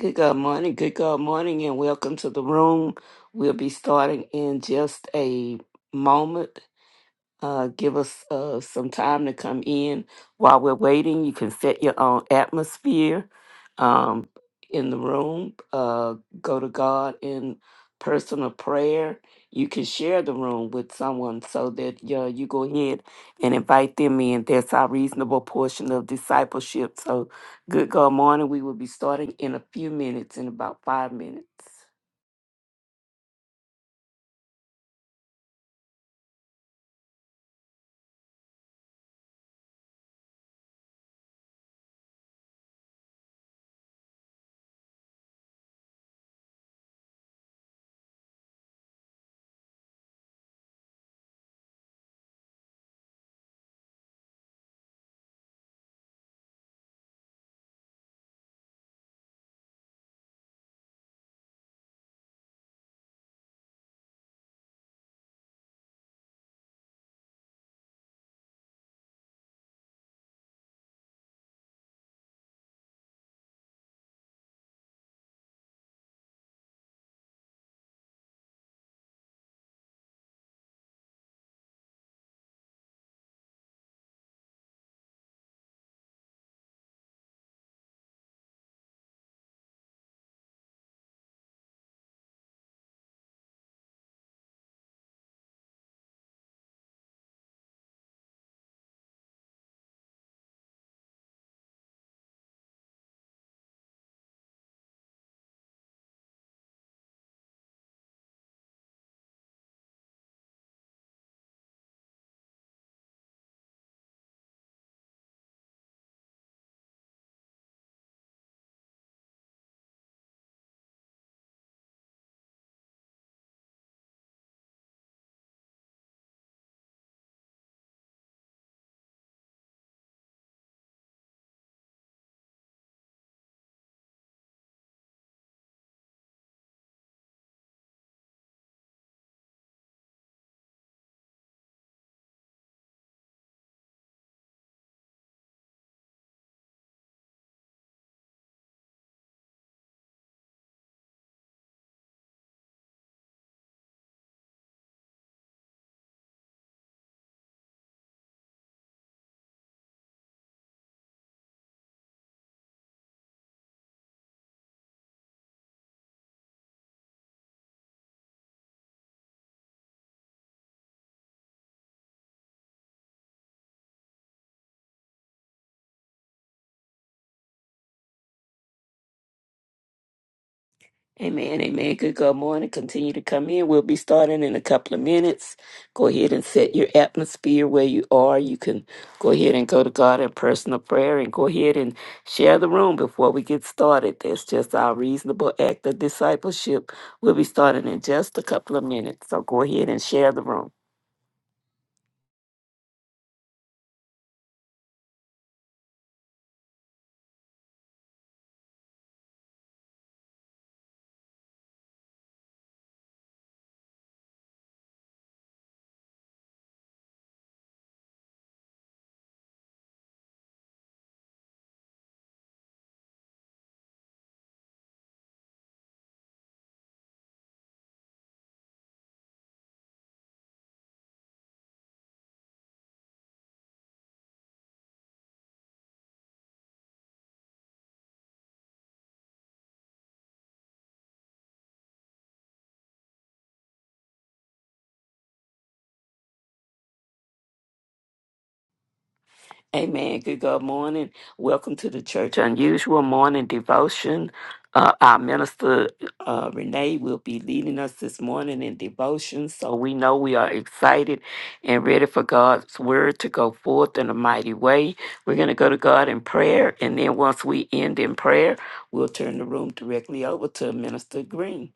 Good God morning, good God morning, and welcome to the room. We'll be starting in just a moment uh, give us uh, some time to come in. While we're waiting, you can set your own atmosphere um, in the room. Uh, go to God in personal prayer. You can share the room with someone so that uh, you go ahead and invite them in. That's our reasonable portion of discipleship. So, good God morning. We will be starting in a few minutes, in about five minutes. Amen, amen. Good God morning. Continue to come in. We'll be starting in a couple of minutes. Go ahead and set your atmosphere where you are. You can go ahead and go to God in personal prayer and go ahead and share the room before we get started. That's just our reasonable act of discipleship We'll be starting in just a couple of minutes, so go ahead and share the room. Amen. Good God morning. Welcome to the Church Unusual Morning Devotion. Uh, our minister, uh, Renee, will be leading us this morning in devotion. So we know we are excited and ready for God's word to go forth in a mighty way. We're going to go to God in prayer. And then once we end in prayer, we'll turn the room directly over to Minister Green.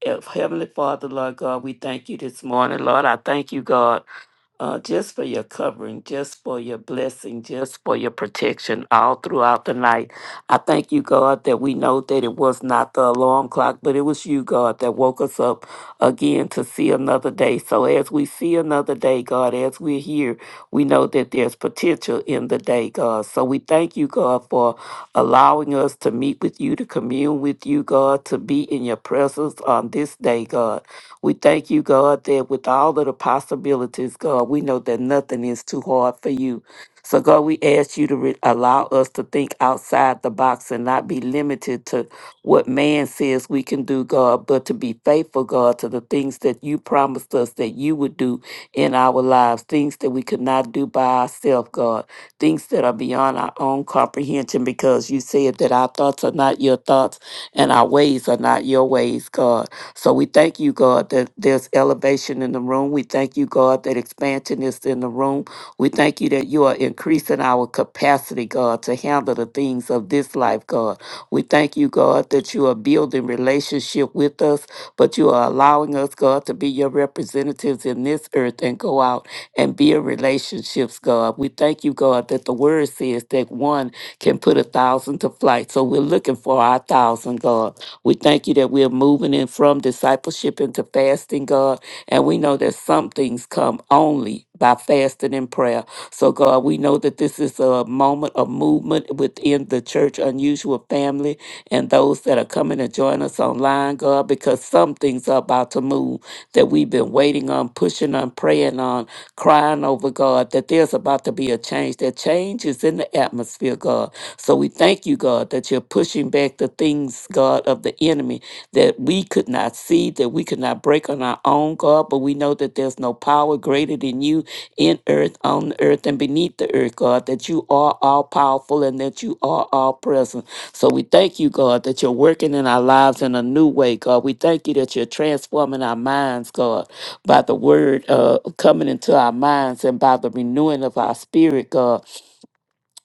If Heavenly Father, Lord God, we thank you this morning. Lord, I thank you, God uh, just for your covering, just for your blessing, just for your protection all throughout the night. I thank you, God, that we know that it was not the alarm clock, but it was you, God, that woke us up again to see another day. So as we see another day, God, as we're here, we know that there's potential in the day, God. So we thank you, God, for allowing us to meet with you, to commune with you, God, to be in your presence on this day, God. We thank you, God, that with all of the possibilities, God, we know that nothing is too hard for you. So, God, we ask you to re- allow us to think outside the box and not be limited to what man says we can do, God, but to be faithful, God, to the things that you promised us that you would do in our lives, things that we could not do by ourselves, God, things that are beyond our own comprehension, because you said that our thoughts are not your thoughts and our ways are not your ways, God. So we thank you, God, that there's elevation in the room. We thank you, God, that expansion is in the room. We thank you that you are increasing our capacity, God, to handle the things of this life, God. We thank you, God, that you are building relationship with us, but you are allowing us, God, to be your representatives in this earth and go out and build relationships, God. We thank you, God, that the word says that one can put a thousand to flight. So we're looking for our thousand, God. We thank you that we're moving in from discipleship into fasting, God. And we know that some things come only by fasting and prayer. So, God, we know that this is a moment of movement within the church, unusual family, and those that are coming to join us online, God, because some things are about to move that we've been waiting on, pushing on, praying on, crying over, God, that there's about to be a change. That change is in the atmosphere, God. So we thank you, God, that you're pushing back the things, God, of the enemy that we could not see, that we could not break on our own, God. But we know that there's no power greater than you in earth, on the earth, and beneath the earth, God, that you are all powerful and that you are all present. So we thank you, God, that you're working in our lives in a new way, God. We thank you that you're transforming our minds, God, by the word uh, coming into our minds and by the renewing of our spirit, God.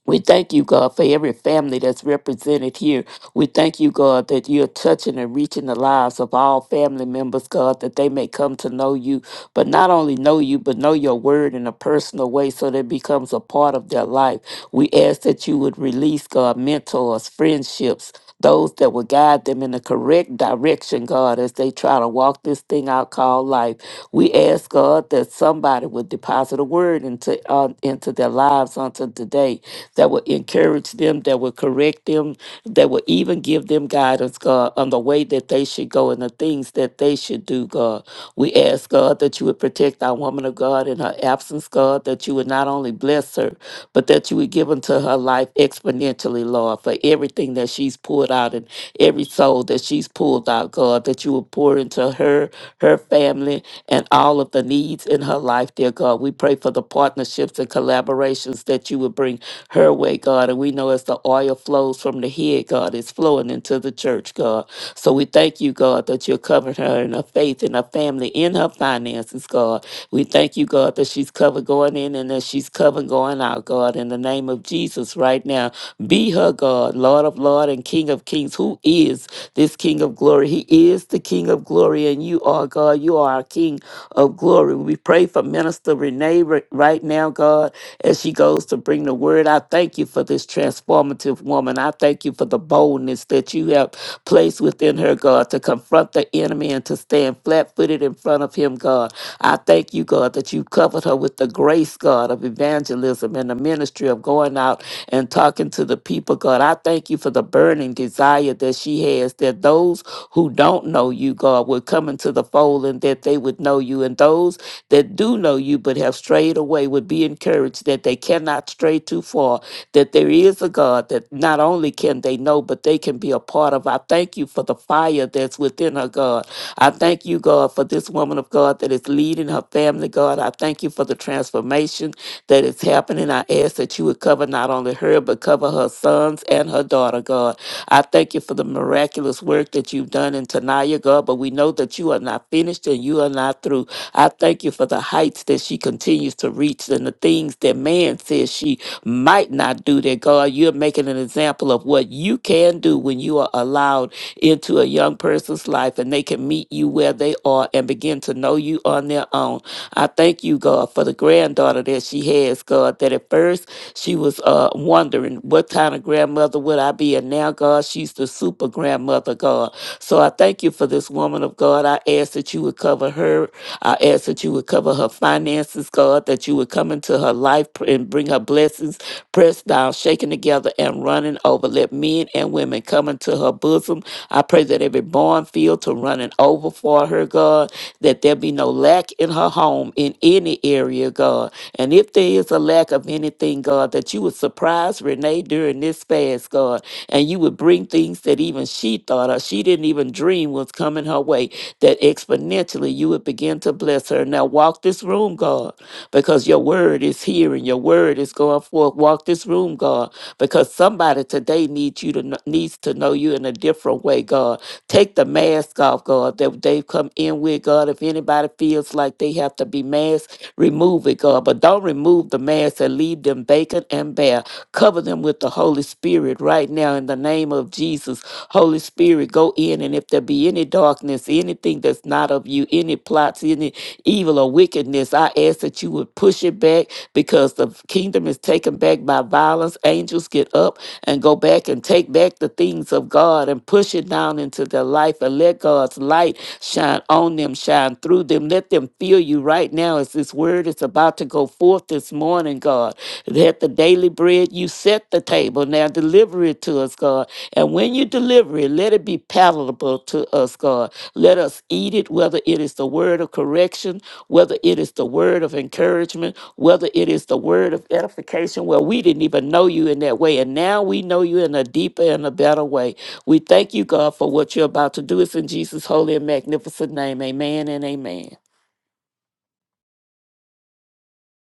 We thank you, God, for every family that's represented here. We thank you, God, that you're touching and reaching the lives of all family members, God, that they may come to know you, but not only know you, but know your word in a personal way so that it becomes a part of their life. We ask that you would release, God, mentors, friendships. Those that will guide them in the correct direction, God, as they try to walk this thing out called life. We ask, God, that somebody would deposit a word into, uh, into their lives unto today that will encourage them, that will correct them, that will even give them guidance, God, on the way that they should go and the things that they should do, God. We ask, God, that you would protect our woman of God in her absence, God, that you would not only bless her, but that you would give unto her life exponentially, Lord, for everything that she's poured out and every soul that she's pulled out, God, that you would pour into her, her family, and all of the needs in her life, dear God. We pray for the partnerships and collaborations that you would bring her way, God. And we know as the oil flows from the head, God, it's flowing into the church, God. So we thank you, God, that you're covering her in her faith, and her family, in her finances, God. We thank you, God, that she's covered going in and that she's covered going out, God. In the name of Jesus, right now, be her God, Lord of Lord and King of Kings, who is this King of Glory. He is the King of Glory, and you are God. You are our King of glory. We pray for Minister Renee ri- right now, God, as she goes to bring the word. I thank you for this transformative woman. I thank you for the boldness that you have placed within her, God, to confront the enemy and to stand flat footed in front of him, God. I thank you, God, that you covered her with the grace, God, of evangelism and the ministry of going out and talking to the people, God. I thank you for the burning desire that she has, that those who don't know you, God, would come into the fold and that they would know you. And those that do know you but have strayed away would be encouraged that they cannot stray too far, that there is a God that not only can they know, but they can be a part of. I thank you for the fire that's within her, God. I thank you, God, for this woman of God that is leading her family, God. I thank you for the transformation that is happening. I ask that you would cover not only her, but cover her sons and her daughter, God. I thank you for the miraculous work that you've done in Tanaya, God, but we know that you are not finished and you are not through. I thank you for the heights that she continues to reach and the things that man says she might not do that, God. You're making an example of what you can do when you are allowed into a young person's life and they can meet you where they are and begin to know you on their own. I thank you, God, for the granddaughter that she has, God, that at first she was uh, wondering what kind of grandmother would I be? And now, God, she's the super grandmother, God. So I thank you for this woman of God. I ask that you would cover her. I ask that you would cover her finances, God, that you would come into her life pr- and bring her blessings, pressed down, shaken together, and running over. Let men and women come into her bosom. I pray that every barn field to running over for her, God, that there be no lack in her home in any area, God. And if there is a lack of anything, God, that you would surprise Renee during this fast, God, and you would bring things that even she thought or she didn't even dream was coming her way, that exponentially you would begin to bless her. Now walk this room, God, because your word is here and your word is going forth. Walk this room, God, because somebody today needs you to kn- needs to know you in a different way, God. Take the mask off, God, that they've come in with, God. If anybody feels like they have to be masked, Remove it, God. But don't remove the mass and leave them vacant and bare. Cover them with the Holy Spirit right now in the name of Jesus. Holy Spirit, go in. And if there be any darkness, anything that's not of you, any plots, any evil or wickedness, I ask that you would push it back because the kingdom is taken back by violence. Angels get up and go back and take back the things of God and push it down into their life and let God's light shine on them, shine through them. Let them feel you right now as this word is about to go forth this morning, God. Let the daily bread you set the table. Now deliver it to us, God. And when you deliver it, let it be palatable to us, God. Let us eat it, whether it is the word of correction, whether it is the word of encouragement whether it is the word of edification where we didn't even know you in that way and now we know you in a deeper and a better way we thank you god for what you're about to do it's in jesus holy and magnificent name amen and amen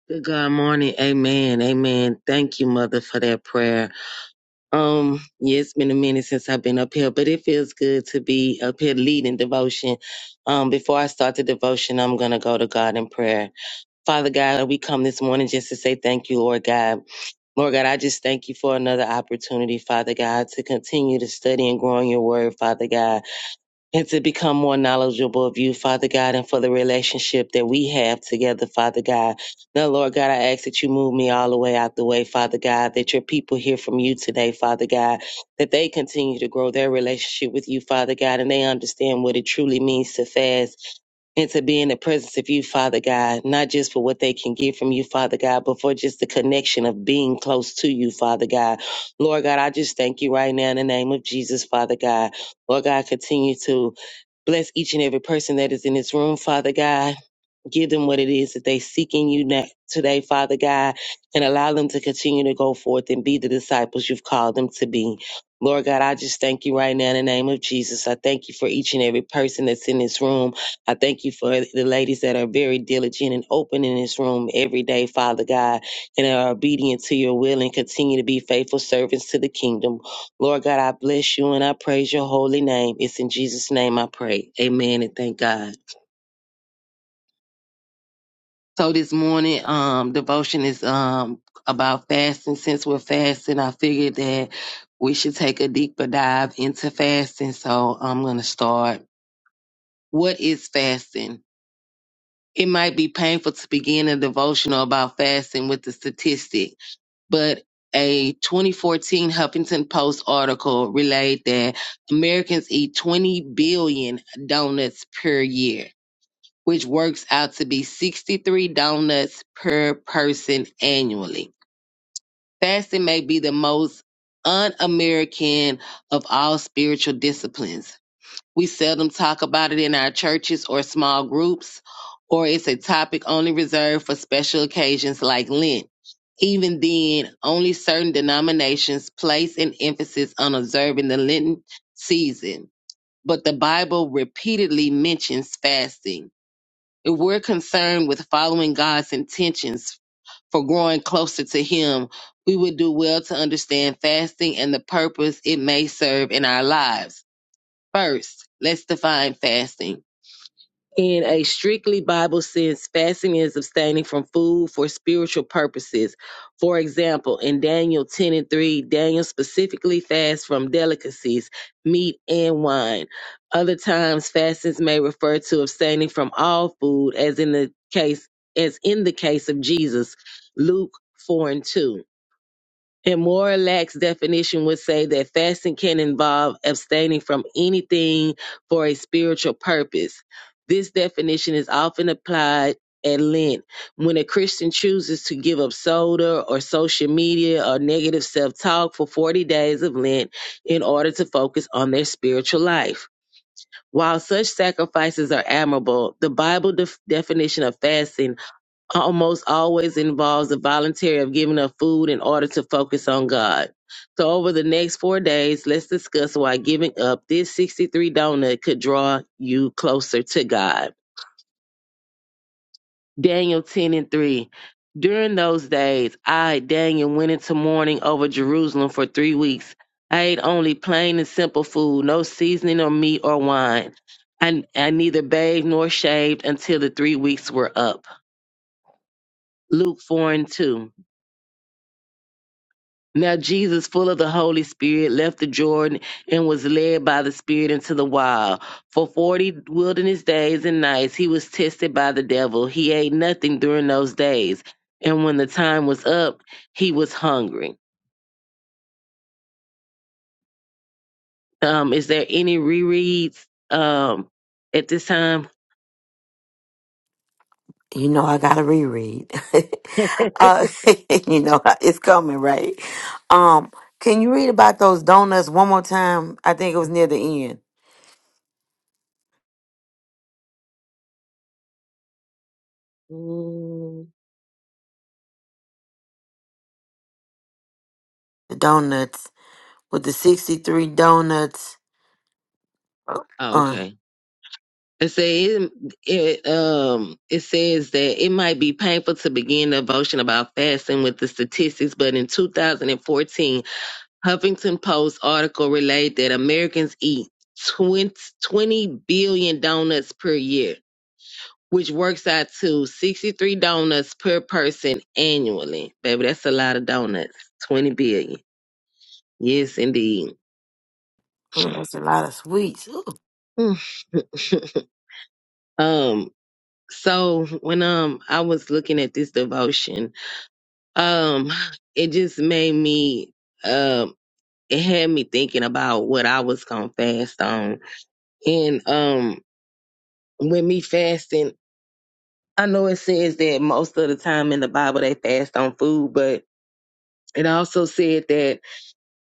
Good God morning. Amen. Amen. Thank you, Mother, for that prayer. Um, yeah, it's been a minute since I've been up here, but it feels good to be up here leading devotion. Um, before I start the devotion, I'm gonna go to God in prayer. Father God, we come this morning just to say thank you, Lord God. Lord God, I just thank you for another opportunity, Father God, to continue to study and grow in your word, Father God and to become more knowledgeable of you, Father God, and for the relationship that we have together, Father God. Now, Lord God, I ask that you move me all the way out the way, Father God, that your people hear from you today, Father God, that they continue to grow their relationship with you, Father God, and they understand what it truly means to fast and to be in the presence of you, Father God, not just for what they can get from you, Father God, but for just the connection of being close to you, Father God. Lord God, I just thank you right now in the name of Jesus, Father God. Lord God, continue to Bless each and every person that is in this room, Father God give them what it is that they seek in you now, today, Father God, and allow them to continue to go forth and be the disciples you've called them to be. Lord God, I just thank you right now in the name of Jesus. I thank you for each and every person that's in this room. I thank you for the ladies that are very diligent and open in this room every day, Father God, and are obedient to your will and continue to be faithful servants to the kingdom. Lord God, I bless you and I praise your holy name. It's in Jesus' name I pray. Amen and thank God. So this morning, um, devotion is um about fasting. Since we're fasting, I figured that we should take a deeper dive into fasting. So I'm gonna start. What is fasting? It might be painful to begin a devotional about fasting with the statistic, but a 2014 Huffington Post article relayed that Americans eat 20 billion donuts per year which works out to be 63 donuts per person annually. Fasting may be the most un American of all spiritual disciplines. We seldom talk about it in our churches or small groups, or it's a topic only reserved for special occasions like Lent. Even then, only certain denominations place an emphasis on observing the Lenten season, but the Bible repeatedly mentions fasting if we're concerned with following God's intentions for growing closer to Him, we would do well to understand fasting and the purpose it may serve in our lives. First, let's define fasting. In a strictly Bible sense, fasting is abstaining from food for spiritual purposes. For example, in Daniel 10 and 3, Daniel specifically fasts from delicacies, meat, and wine. Other times, fastings may refer to abstaining from all food, as in the case as in the case of Jesus, Luke 4 and 2. A more lax definition would say that fasting can involve abstaining from anything for a spiritual purpose. This definition is often applied at Lent when a Christian chooses to give up soda or social media or negative self talk for 40 days of Lent in order to focus on their spiritual life. While such sacrifices are admirable, the Bible def- definition of fasting almost always involves the voluntary of giving up food in order to focus on God. So over the next four days, let's discuss why giving up this 63 donut could draw you closer to God. Daniel 10 and 3. During those days, I, Daniel, went into mourning over Jerusalem for three weeks. I ate only plain and simple food, no seasoning or meat or wine. I, I neither bathed nor shaved until the three weeks were up. Luke 4 and 2. Now Jesus, full of the Holy Spirit, left the Jordan and was led by the Spirit into the wild. For forty wilderness days and nights he was tested by the devil. He ate nothing during those days. And when the time was up, he was hungry. Um, is there any rereads um at this time? You know, I gotta reread. uh, you know, it's coming, right? Um, can you read about those donuts one more time? I think it was near the end. Mm, The donuts with the 63 donuts. oh, Uh, okay. It says it, it, um it says that it might be painful to begin devotion about fasting with the statistics, but in 2014, Huffington Post article relayed that Americans eat 20, 20 billion donuts per year, which works out to 63 donuts per person annually. Baby, that's a lot of donuts. 20 billion. Yes, indeed. oh, that's a lot of sweets. Ooh. um so when um I was looking at this devotion Um, it just made me um it had me thinking about what I was gonna fast on. And um with me fasting, I know it says that most of the time in the Bible they fast on food, but it also said that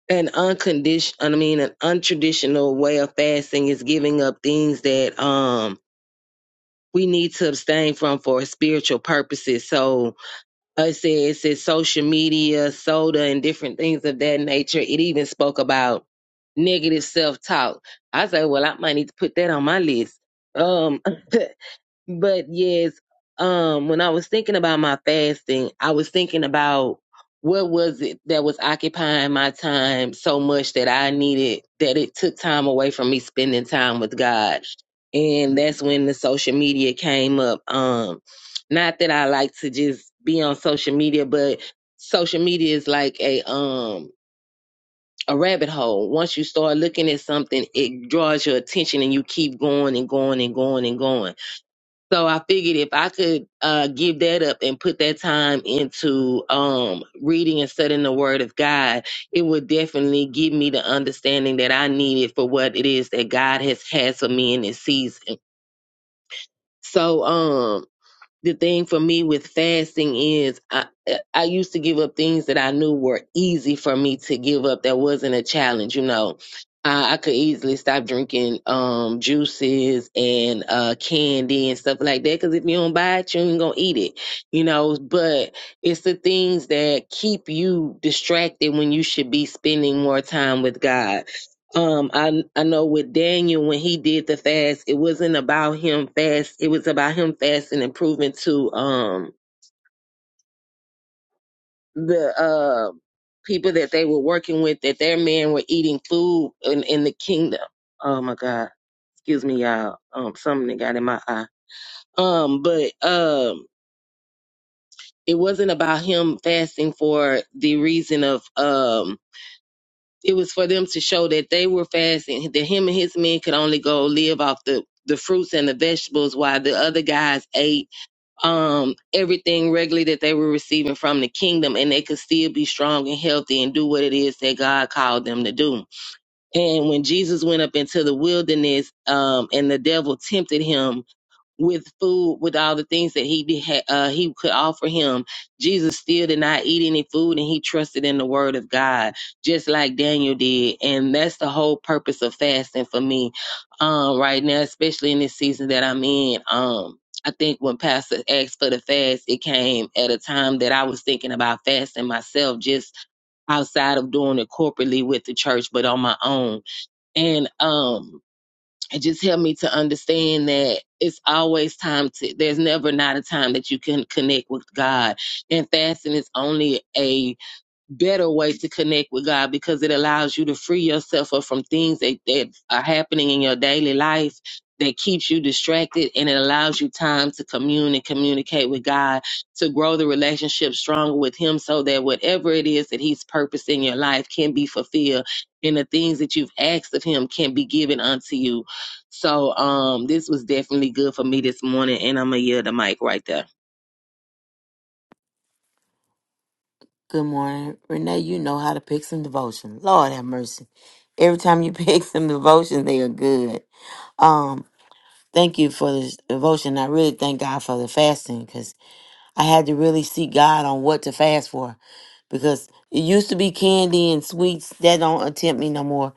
an unconditional I mean an untraditional way of fasting is giving up things that um we need to abstain from for spiritual purposes. So it said it said social media, soda, and different things of that nature. It even spoke about negative self talk. I said, well, I might need to put that on my list. Um, But yes, um, when I was thinking about my fasting, I was thinking about what was it that was occupying my time so much that I needed that it took time away from me spending time with God. And that's when the social media came up. Um, not that I like to just be on social media, but social media is like a um a rabbit hole. Once you start looking at something, it draws your attention and you keep going and going and going and going. So I figured if I could uh, give that up and put that time into um, reading and studying the Word of God, it would definitely give me the understanding that I needed for what it is that God has had for me in this season. So, um, the thing for me with fasting is I I used to give up things that I knew were easy for me to give up that wasn't a challenge, you know. I, I could easily stop drinking um juices and uh candy and stuff like that because if you don't buy it, you ain't gonna eat it, you know. But it's the things that keep you distracted when you should be spending more time with God um I I know with Daniel when he did the fast, it wasn't about him fast. It was about him fasting and proving to um the uh people that they were working with that their men were eating food in, in the kingdom. Oh my God. Excuse me, y'all. Um something that got in my eye. Um but um it wasn't about him fasting for the reason of um it was for them to show that they were fasting, that him and his men could only go live off the the fruits and the vegetables while the other guys ate um everything regularly that they were receiving from the kingdom and they could still be strong and healthy and do what it is that God called them to do. And when Jesus went up into the wilderness um and the devil tempted him with food, with all the things that he be- had, uh, he could offer him. Jesus still did not eat any food, and he trusted in the word of God, just like Daniel did. And that's the whole purpose of fasting for me, um, right now, especially in this season that I'm in. Um, I think when Pastor asked for the fast, it came at a time that I was thinking about fasting myself, just outside of doing it corporately with the church, but on my own. And um, it just helped me to understand that it's always time to there's never not a time that you can connect with god and fasting is only a better way to connect with God because it allows you to free yourself up from things that, that are happening in your daily life that keeps you distracted and it allows you time to commune and communicate with God to grow the relationship stronger with him so that whatever it is that he's purposed in your life can be fulfilled and the things that you've asked of him can be given unto you. So um this was definitely good for me this morning and I'm gonna yield the mic right there. Good morning, Renee. You know how to pick some devotion. Lord have mercy. Every time you pick some devotion, they are good. Um, thank you for this devotion. I really thank God for the fasting 'cause I had to really seek God on what to fast for because it used to be candy and sweets that don't tempt me no more.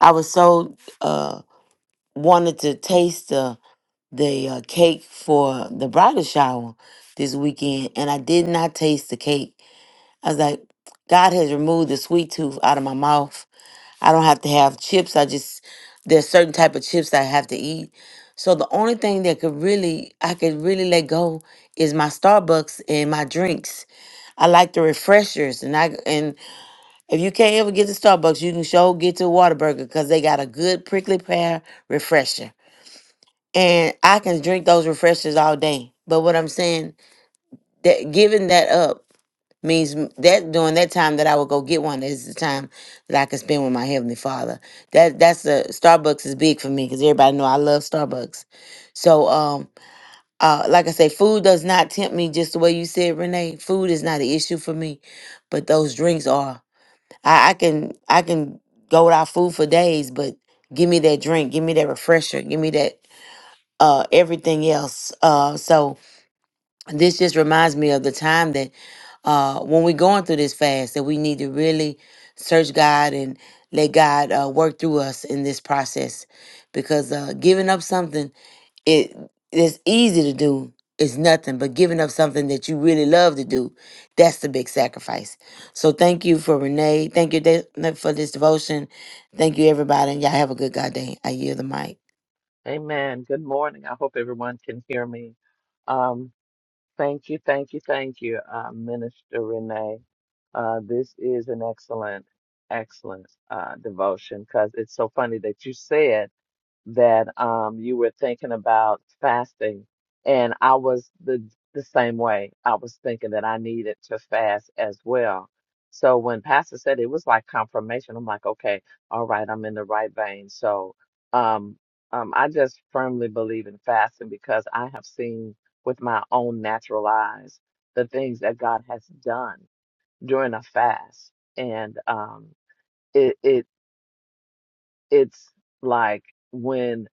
I was so uh wanted to taste the the uh, cake for the bridal shower this weekend and I did not taste the cake. I was like God has removed the sweet tooth out of my mouth. I don't have to have chips. I just there's certain type of chips I have to eat. So the only thing that could really I could really let go is my Starbucks and my drinks I like the refreshers, and I and if you can't ever get to Starbucks, you can sure get to Whataburger because they got a good prickly pear refresher, and I can drink those refreshers all day. But what I'm saying that giving that up means m- that during that time that I would go get one is the time that I can spend with my heavenly Father. That that's the Starbucks is big for me because everybody know I love Starbucks. So um uh like I say, food does not tempt me just the way you said, Renee. Food is not an issue for me, but those drinks are. I, I can I can go without food for days, but give me that drink, give me that refresher, give me that uh everything else. Uh so this just reminds me of the time that uh when we're going through this fast that we need to really search God and let God uh, work through us in this process because uh giving up something it it's easy to do it's nothing but giving up something that you really love to do that's the big sacrifice so thank you for renee thank you de- for this devotion thank you everybody and y'all have a good god day i yield the mic Amen. Good morning. I hope everyone can hear me. Um, thank you, thank you, thank you, uh, Minister Renee. Uh, this is an excellent, excellent uh, devotion because it's so funny that you said that um, you were thinking about fasting, and I was the the same way. I was thinking that I needed to fast as well. So when Pastor said it was like confirmation, I'm like, okay, all right, I'm in the right vein. So um, um, I just firmly believe in fasting because I have seen with my own natural eyes the things that God has done during a fast, and um, it it it's like when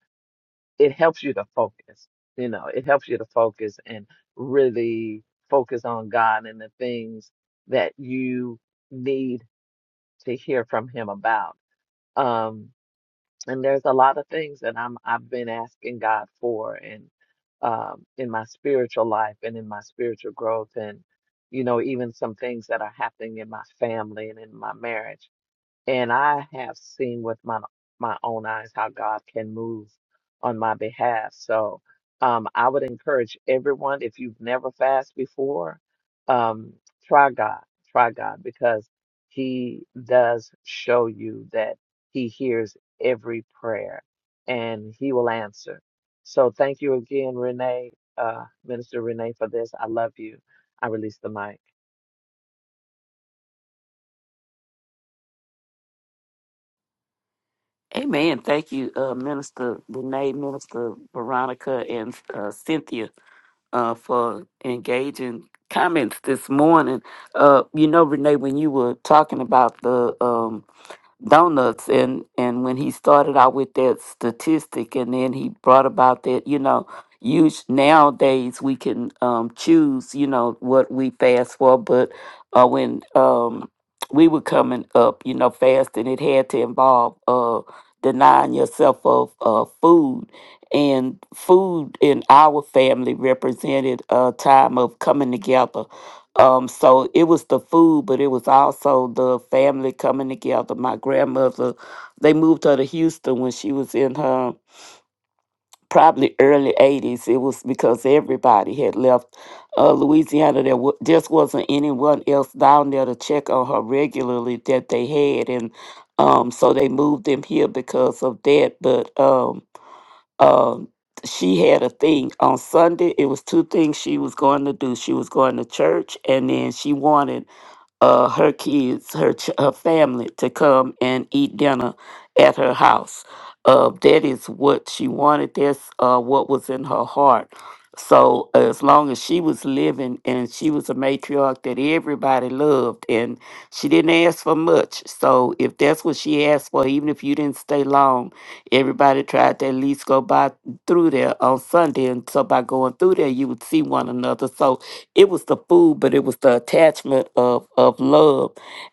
it helps you to focus. You know, it helps you to focus and really focus on God and the things that you need to hear from Him about. Um, and there's a lot of things that I'm I've been asking God for, and um, in my spiritual life and in my spiritual growth, and you know, even some things that are happening in my family and in my marriage and I have seen with my my own eyes how God can move on my behalf. So um, I would encourage everyone, if you've never fasted before, um, try God, try God, because He does show you that He hears every prayer and He will answer. So thank you again, Renee, uh, Minister Renee, for this. I love you. I release the mic. amen thank you uh, minister Danae, minister veronica and uh, cynthia uh, for engaging comments this morning. Uh, you know, Renee, when you were talking about the um, donuts and and when he started out with that statistic and then he brought about that you know use nowadays we can um choose you know what we fast for but uh when um we were coming up you know fasting it had to involve uh denying yourself of uh food and food in our family represented a time of coming together um, so it was the food, but it was also the family coming together. My grandmother, they moved her to Houston when she was in her probably early 80s. It was because everybody had left uh, Louisiana. There w- just wasn't anyone else down there to check on her regularly that they had. And um, so they moved them here because of that. But um, um she had a thing on Sunday. It was two things she was going to do. She was going to church, and then she wanted uh, her kids, her ch- her family to come and eat dinner at her house. Uh, that is what she wanted. That's uh, what was in her heart. So as long as she was living and she was a matriarch that everybody loved, and she didn't ask for much. So if that's what she asked for, even if you didn't stay long, everybody tried to at least go by through there on Sunday. And so by going through there, you would see one another. So it was the food, but it was the attachment of of love.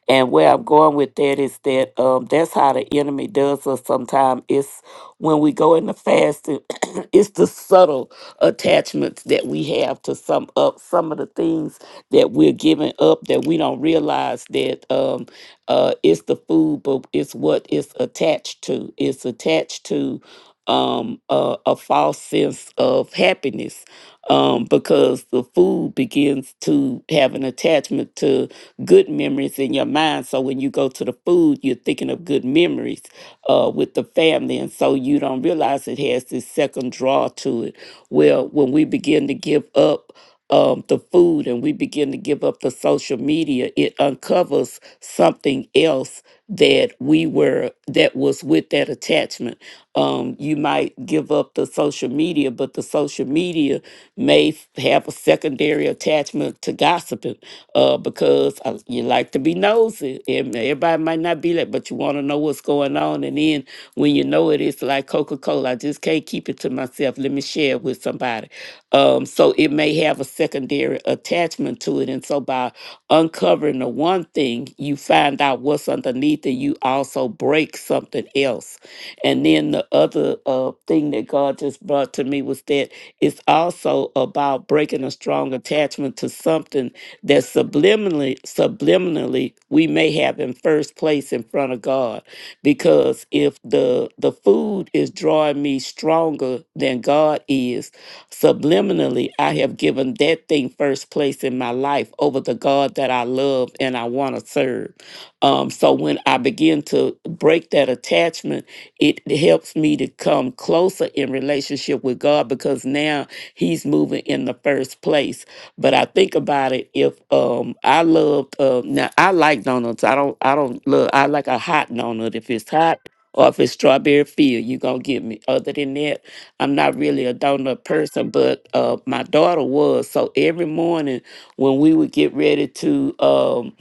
And where I'm going with that is that um, that's how the enemy does us. Sometimes it's when we go into fasting, it's the subtle attachments that we have to some up some of the things that we're giving up that we don't realize that um, uh, it's the food, but it's what it's attached to. It's attached to um, a, a false sense of happiness um, because the food begins to have an attachment to good memories in your mind. So when you go to the food, you're thinking of good memories uh, with the family. And so you don't realize it has this second draw to it. Well, when we begin to give up, um, the food and we begin to give up the social media it uncovers something else that we were that was with that attachment um, you might give up the social media but the social media may f- have a secondary attachment to gossiping uh, because uh, you like to be nosy. And Everybody might not be like, but you want to know what's going on. And then when you know it, it's like Coca Cola. I just can't keep it to myself. Let me share it with somebody. Um, so it may have a secondary attachment to it. And so by uncovering the one thing, you find out what's underneath and you also break something else. And then the other uh, thing that God just brought to me was that it's also about breaking a strong attachment to something that subliminally, subliminally, we may have in first place in front of God. Because if the the food is drawing me stronger than God is, subliminally, I have given that thing first place in my life over the God that I love and I want to serve. Um, so when I begin to break that attachment it helps me to come closer in relationship with God because now He's moving in the first place. But I think about it. If um, I love uh, now, I like donuts. I don't. I don't love. I like a hot donut. If it's hot. Or if it's strawberry field, you gonna get me. Other than that, I'm not really a donut person, but uh, my daughter was. So every morning when we would get ready to um,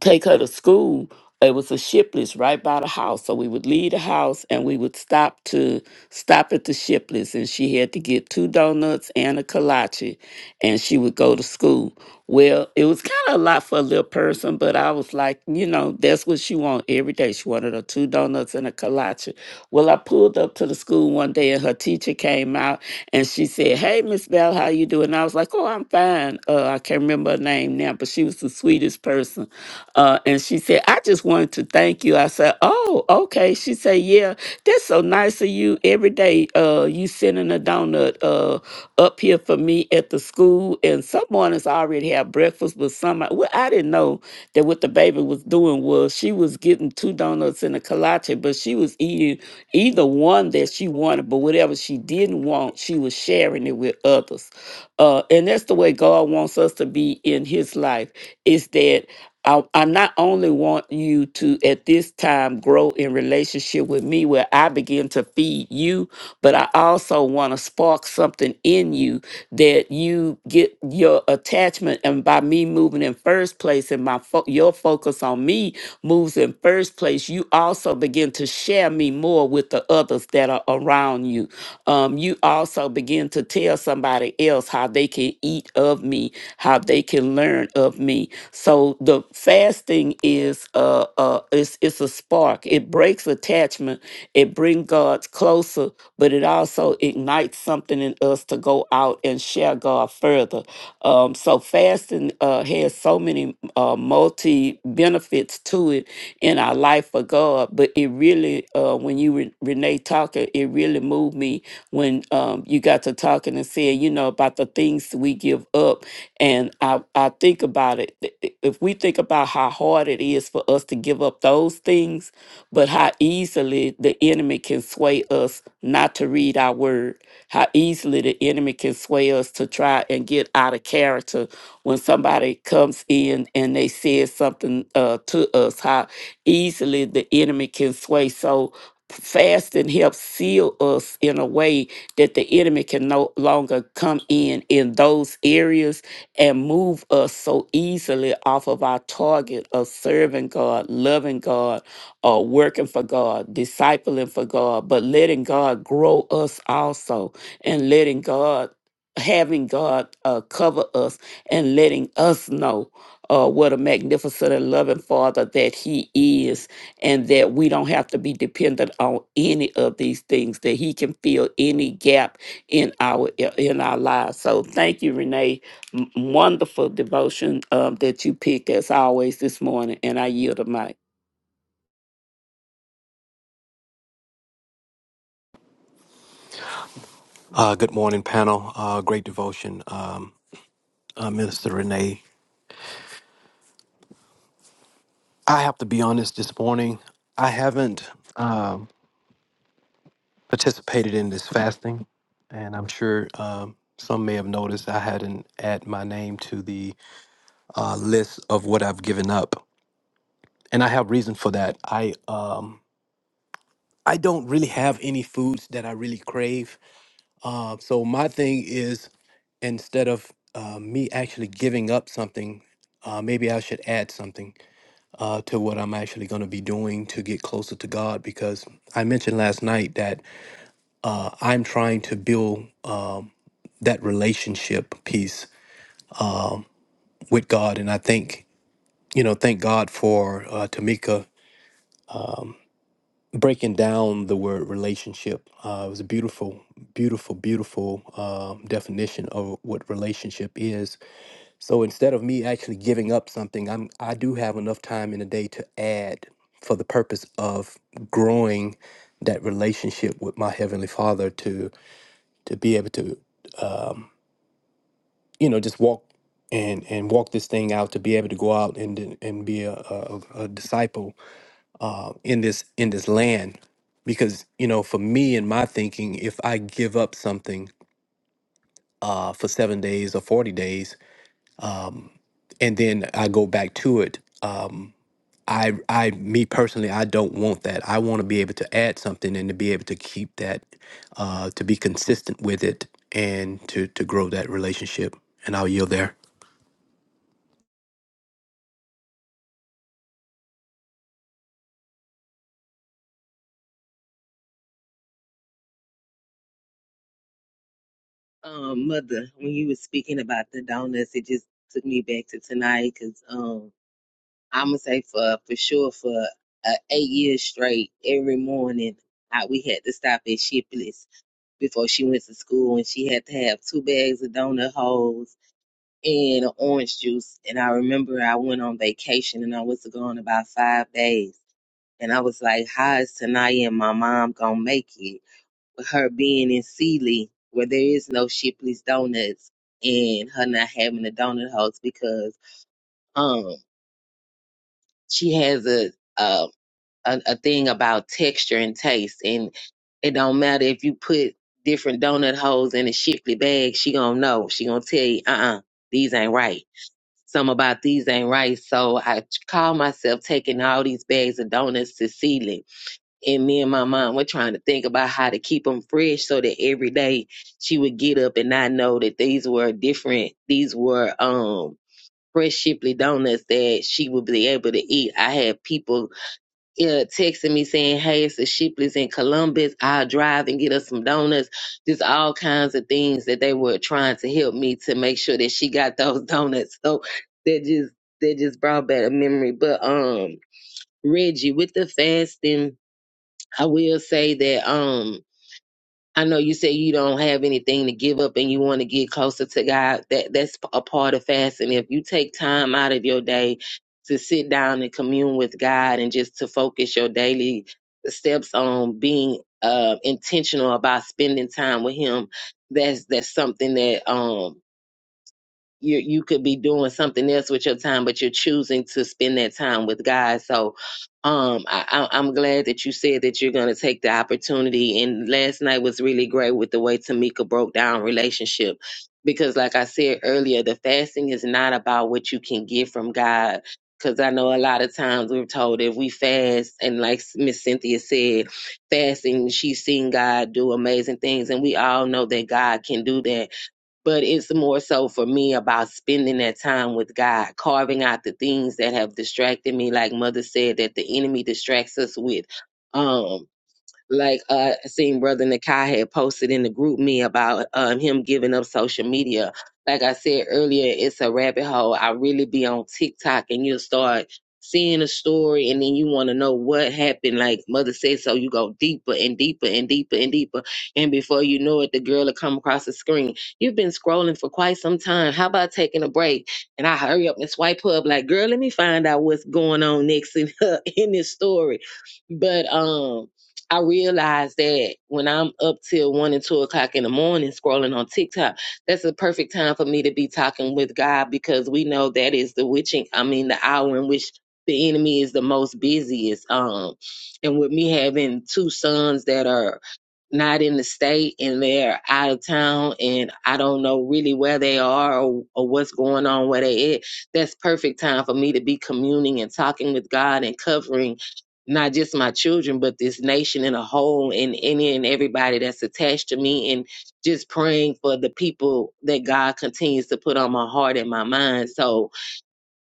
to take her to school. It was a Shipley's right by the house, so we would leave the house and we would stop to stop at the Shipley's, and she had to get two donuts and a kolache, and she would go to school. Well, it was kind of a lot for a little person, but I was like, you know, that's what she wanted every day. She wanted her two donuts and a kolache. Well, I pulled up to the school one day, and her teacher came out, and she said, "Hey, Miss Bell, how you doing?" I was like, "Oh, I'm fine." Uh, I can't remember her name now, but she was the sweetest person. Uh, and she said, I just wanted to thank you. I said, Oh, okay. She said, Yeah, that's so nice of you. Every day, uh, you sending a donut uh, up here for me at the school. And some mornings I already have breakfast, but some, I- well, I didn't know that what the baby was doing was she was getting two donuts and a kolache, but she was eating either one that she wanted, but whatever she didn't want, she was sharing it with others. Uh, and that's the way God wants us to be in His life. Is that I, I not only want you to at this time grow in relationship with me where I begin to feed you, but I also want to spark something in you that you get your attachment and by me moving in first place and my fo- your focus on me moves in first place, you also begin to share me more with the others that are around you. Um, you also begin to tell somebody else how they can eat of me, how they can learn of me so the fasting is uh uh it's it's a spark. It breaks attachment. It brings God closer, but it also ignites something in us to go out and share God further. Um, so fasting uh, has so many uh, multi benefits to it in our life for God. But it really, uh, when you re- Renee talking, it really moved me when um, you got to talking and saying, you know, about the things we give up and I, I think about it, i- i- if we think about how hard it is for us to give up those things, but how easily the enemy can sway us not to read our word, how easily the enemy can sway us to try and get out of character when somebody comes in and they says something uh, to us, how easily the enemy can sway. So fasting helps seal us in a way that the enemy can no longer come in in those areas and move us so easily off of our target of serving God, loving God, or working for God, discipling for God, but letting God grow us also and letting God. Having God uh, cover us and letting us know uh, what a magnificent and loving Father that He is, and that we don't have to be dependent on any of these things. That He can fill any gap in our in our lives. So thank you, Renee, M- wonderful devotion uh, that you picked as always this morning, and I yield the mic. Uh, good morning, panel. Uh, great devotion, um, uh, Minister Renee. I have to be honest this morning. I haven't um, participated in this fasting, and I'm sure um, some may have noticed I hadn't added my name to the uh, list of what I've given up, and I have reason for that. I um, I don't really have any foods that I really crave, uh, so my thing is instead of uh, me actually giving up something, uh, maybe I should add something. uh, to what I'm actually going to be doing to get closer to God. Because I mentioned last night that uh, I'm trying to build um, that relationship piece with God, and I think you know, thank God for uh, Tamika breaking down the word relationship. Uh, it was a beautiful, beautiful, beautiful um definition of what relationship is. So instead of me actually giving up something, I'm I do have enough time in the day to add for the purpose of growing that relationship with my heavenly Father to to be able to um, you know just walk and and walk this thing out to be able to go out and then- and be a, a, a a disciple uh, in this in this land because you know for me and my thinking if I give up something uh, for seven days or forty days um, and then I go back to it. Um, I I me personally I don't want that. I want to be able to add something and to be able to keep that uh to be consistent with it and to to grow that relationship. And I'll yield there. um, mother, when you were speaking about the donuts, it just took me back to tonight because um, I'm gonna say for for sure for uh, eight years straight, every morning I, we had to stop at Shipley's before she went to school, and she had to have two bags of donut holes and an orange juice. And I remember I went on vacation and I was gone about five days, and I was like, "How is Tanaya and my mom gonna make it?" her being in Sealy where there is no Shipley's Donuts and her not having a donut house because um she has a a a, a thing about texture and taste and it don't matter if you put different donut holes in a Shipley bag, she gonna know. She gonna tell you, uh uh these ain't right. Some about these ain't right. So I call myself taking all these bags of donuts to Sealy and me and my mom were trying to think about how to keep them fresh so that every day she would get up and I know that these were different these were um fresh shipley donuts that she would be able to eat i had people yeah, texting me saying hey it's the shipleys in columbus i'll drive and get us some donuts just all kinds of things that they were trying to help me to make sure that she got those donuts so that just that just brought back a memory but um reggie with the fasting I will say that um I know you say you don't have anything to give up and you want to get closer to God. That that's a part of fasting. If you take time out of your day to sit down and commune with God and just to focus your daily steps on being uh intentional about spending time with him, that's that's something that um you you could be doing something else with your time, but you're choosing to spend that time with God. So, um, I, I, I'm glad that you said that you're going to take the opportunity. And last night was really great with the way Tamika broke down relationship, because like I said earlier, the fasting is not about what you can get from God. Because I know a lot of times we're told if we fast, and like Miss Cynthia said, fasting, she's seen God do amazing things, and we all know that God can do that but it's more so for me about spending that time with God, carving out the things that have distracted me. Like Mother said, that the enemy distracts us with. Um, like uh I seen brother Nakai had posted in the group me about um him giving up social media. Like I said earlier, it's a rabbit hole. I really be on TikTok and you'll start seeing a story and then you want to know what happened. Like mother said, so you go deeper and deeper and deeper and deeper. And before you know it, the girl will come across the screen. You've been scrolling for quite some time. How about taking a break? And I hurry up and swipe up like, girl, let me find out what's going on next in, in this story. But um I realize that when I'm up till one and two o'clock in the morning scrolling on TikTok, that's a perfect time for me to be talking with God because we know that is the witching, I mean, the hour in which the enemy is the most busiest. Um, and with me having two sons that are not in the state and they're out of town and I don't know really where they are or, or what's going on where they at, that's perfect time for me to be communing and talking with God and covering not just my children, but this nation in a whole and any and everybody that's attached to me and just praying for the people that God continues to put on my heart and my mind. So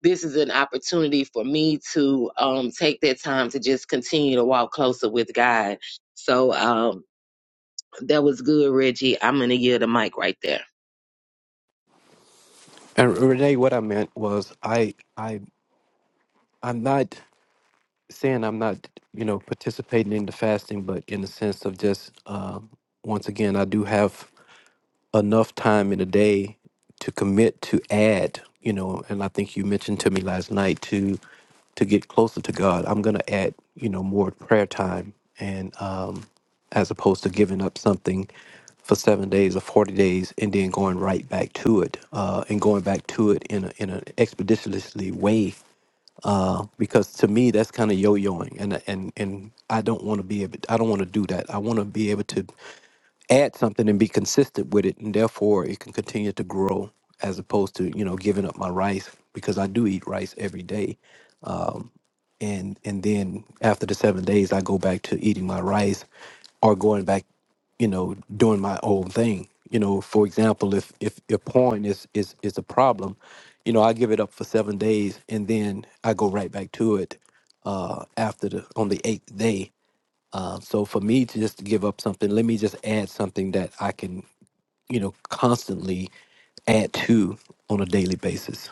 this is an opportunity for me to um, take that time to just continue to walk closer with God. So um, that was good, Reggie. I'm gonna give the mic right there. And Renee, what I meant was I I I'm not saying I'm not, you know, participating in the fasting, but in the sense of just um once again I do have enough time in a day to commit to add you know and i think you mentioned to me last night to to get closer to god i'm going to add you know more prayer time and um as opposed to giving up something for seven days or 40 days and then going right back to it uh and going back to it in a in an expeditiously way uh, because to me that's kind of yo-yoing, and and and I don't want to be able, I don't want to do that. I want to be able to add something and be consistent with it, and therefore it can continue to grow as opposed to you know giving up my rice because I do eat rice every day and and then after the seven days i go back to eating my rice or going back you know doing my own thing you know for example if if if porn is is is a problem you know i give it up for seven days and then i go right back to it uh after the on the eighth day uh, so for me to just give up something let me just add something that i can you know constantly add to on a daily basis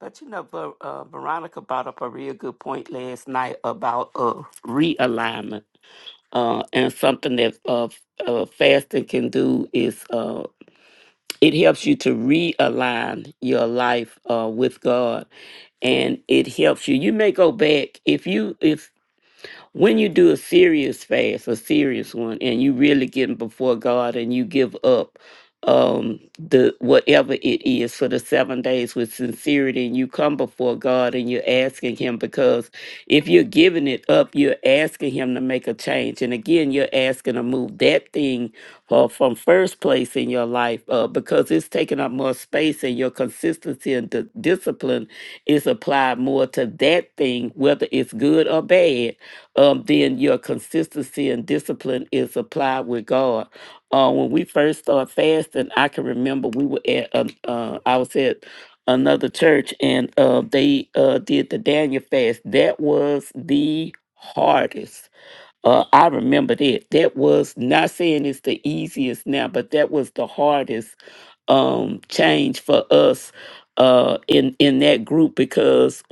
But you know, Ver- uh, Veronica brought up a real good point last night about uh, realignment, uh, and something that uh, f- uh, fasting can do is uh, it helps you to realign your life uh, with God, and it helps you. You may go back if you if When you do a serious fast, a serious one, and you really getting before God and you give up um the whatever it is for the seven days with sincerity and you come before God and you're asking him because if you're giving it up, you're asking him to make a change. And again, you're asking to move that thing uh, from first place in your life uh, because it's taking up more space and your consistency and the discipline is applied more to that thing, whether it's good or bad um, then your consistency and discipline is applied with God. Uh, when we first started fasting, I can remember we were at um, uh, I was at another church and uh, they uh, did the Daniel fast. That was the hardest. Uh, I remember that. That was not saying it's the easiest now, but that was the hardest um, change for us uh, in in that group because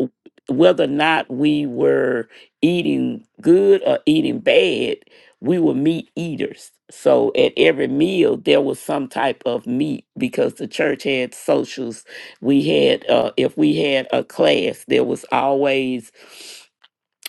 whether or not we were eating good or eating bad, we were meat eaters. So at every meal, there was some type of meat because the church had socials. We had, uh, if we had a class, there was always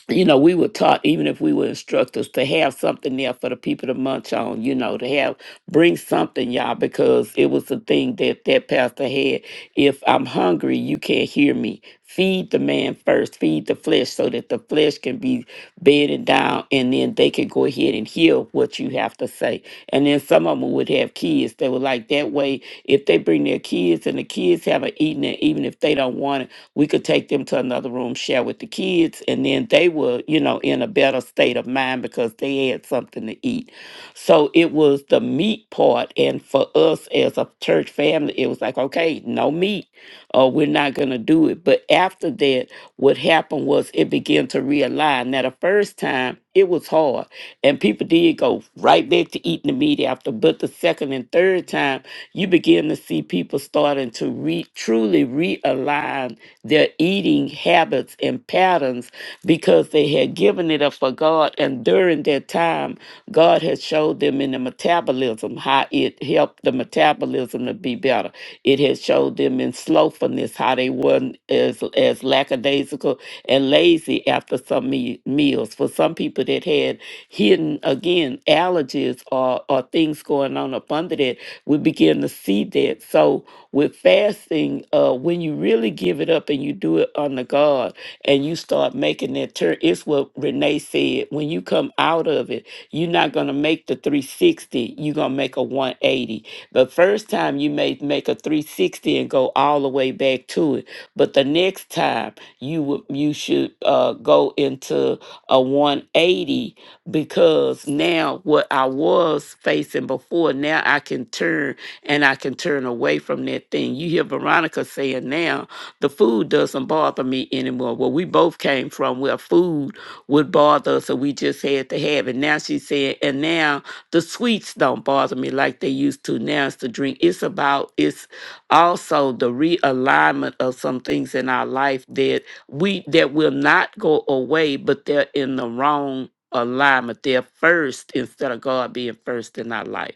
you know, we were taught, even if we were instructors, to have something there for the people to munch on, you know, to have, bring something, y'all, because it was the thing that that pastor had. If I'm hungry, you can't hear me. Feed the man first, feed the flesh so that the flesh can be bedded down and then they can go ahead and hear what you have to say. And then some of them would have kids. They were like, that way, if they bring their kids and the kids haven't eaten it, even if they don't want it, we could take them to another room, share with the kids, and then they were, you know, in a better state of mind because they had something to eat. So it was the meat part. And for us as a church family, it was like, okay, no meat, or we're not going to do it. But after that, what happened was it began to realign. Now, the first time, it was hard, and people did go right back to eating the meat after. But the second and third time, you begin to see people starting to re- truly realign their eating habits and patterns because they had given it up for God. And during that time, God had showed them in the metabolism how it helped the metabolism to be better. It had showed them in slothfulness how they weren't as, as lackadaisical and lazy after some me- meals. For some people that had hidden, again, allergies or, or things going on up under that, we begin to see that. So, with fasting, uh, when you really give it up and you do it under God and you start making that turn, it's what Renee said. When you come out of it, you're not going to make the 360, you're going to make a 180. The first time you may make a 360 and go all the way back to it, but the next time you would you should uh, go into a 180 because now what I was facing before, now I can turn and I can turn away from that thing. You hear Veronica saying now, the food doesn't bother me anymore. Well, we both came from where food would bother us, so we just had to have it. Now she's saying, and now the sweets don't bother me like they used to. Now it's the drink. It's about, it's also the realignment of some things in our life that we, that will not go away, but they're in the wrong alignment. They're first instead of God being first in our life.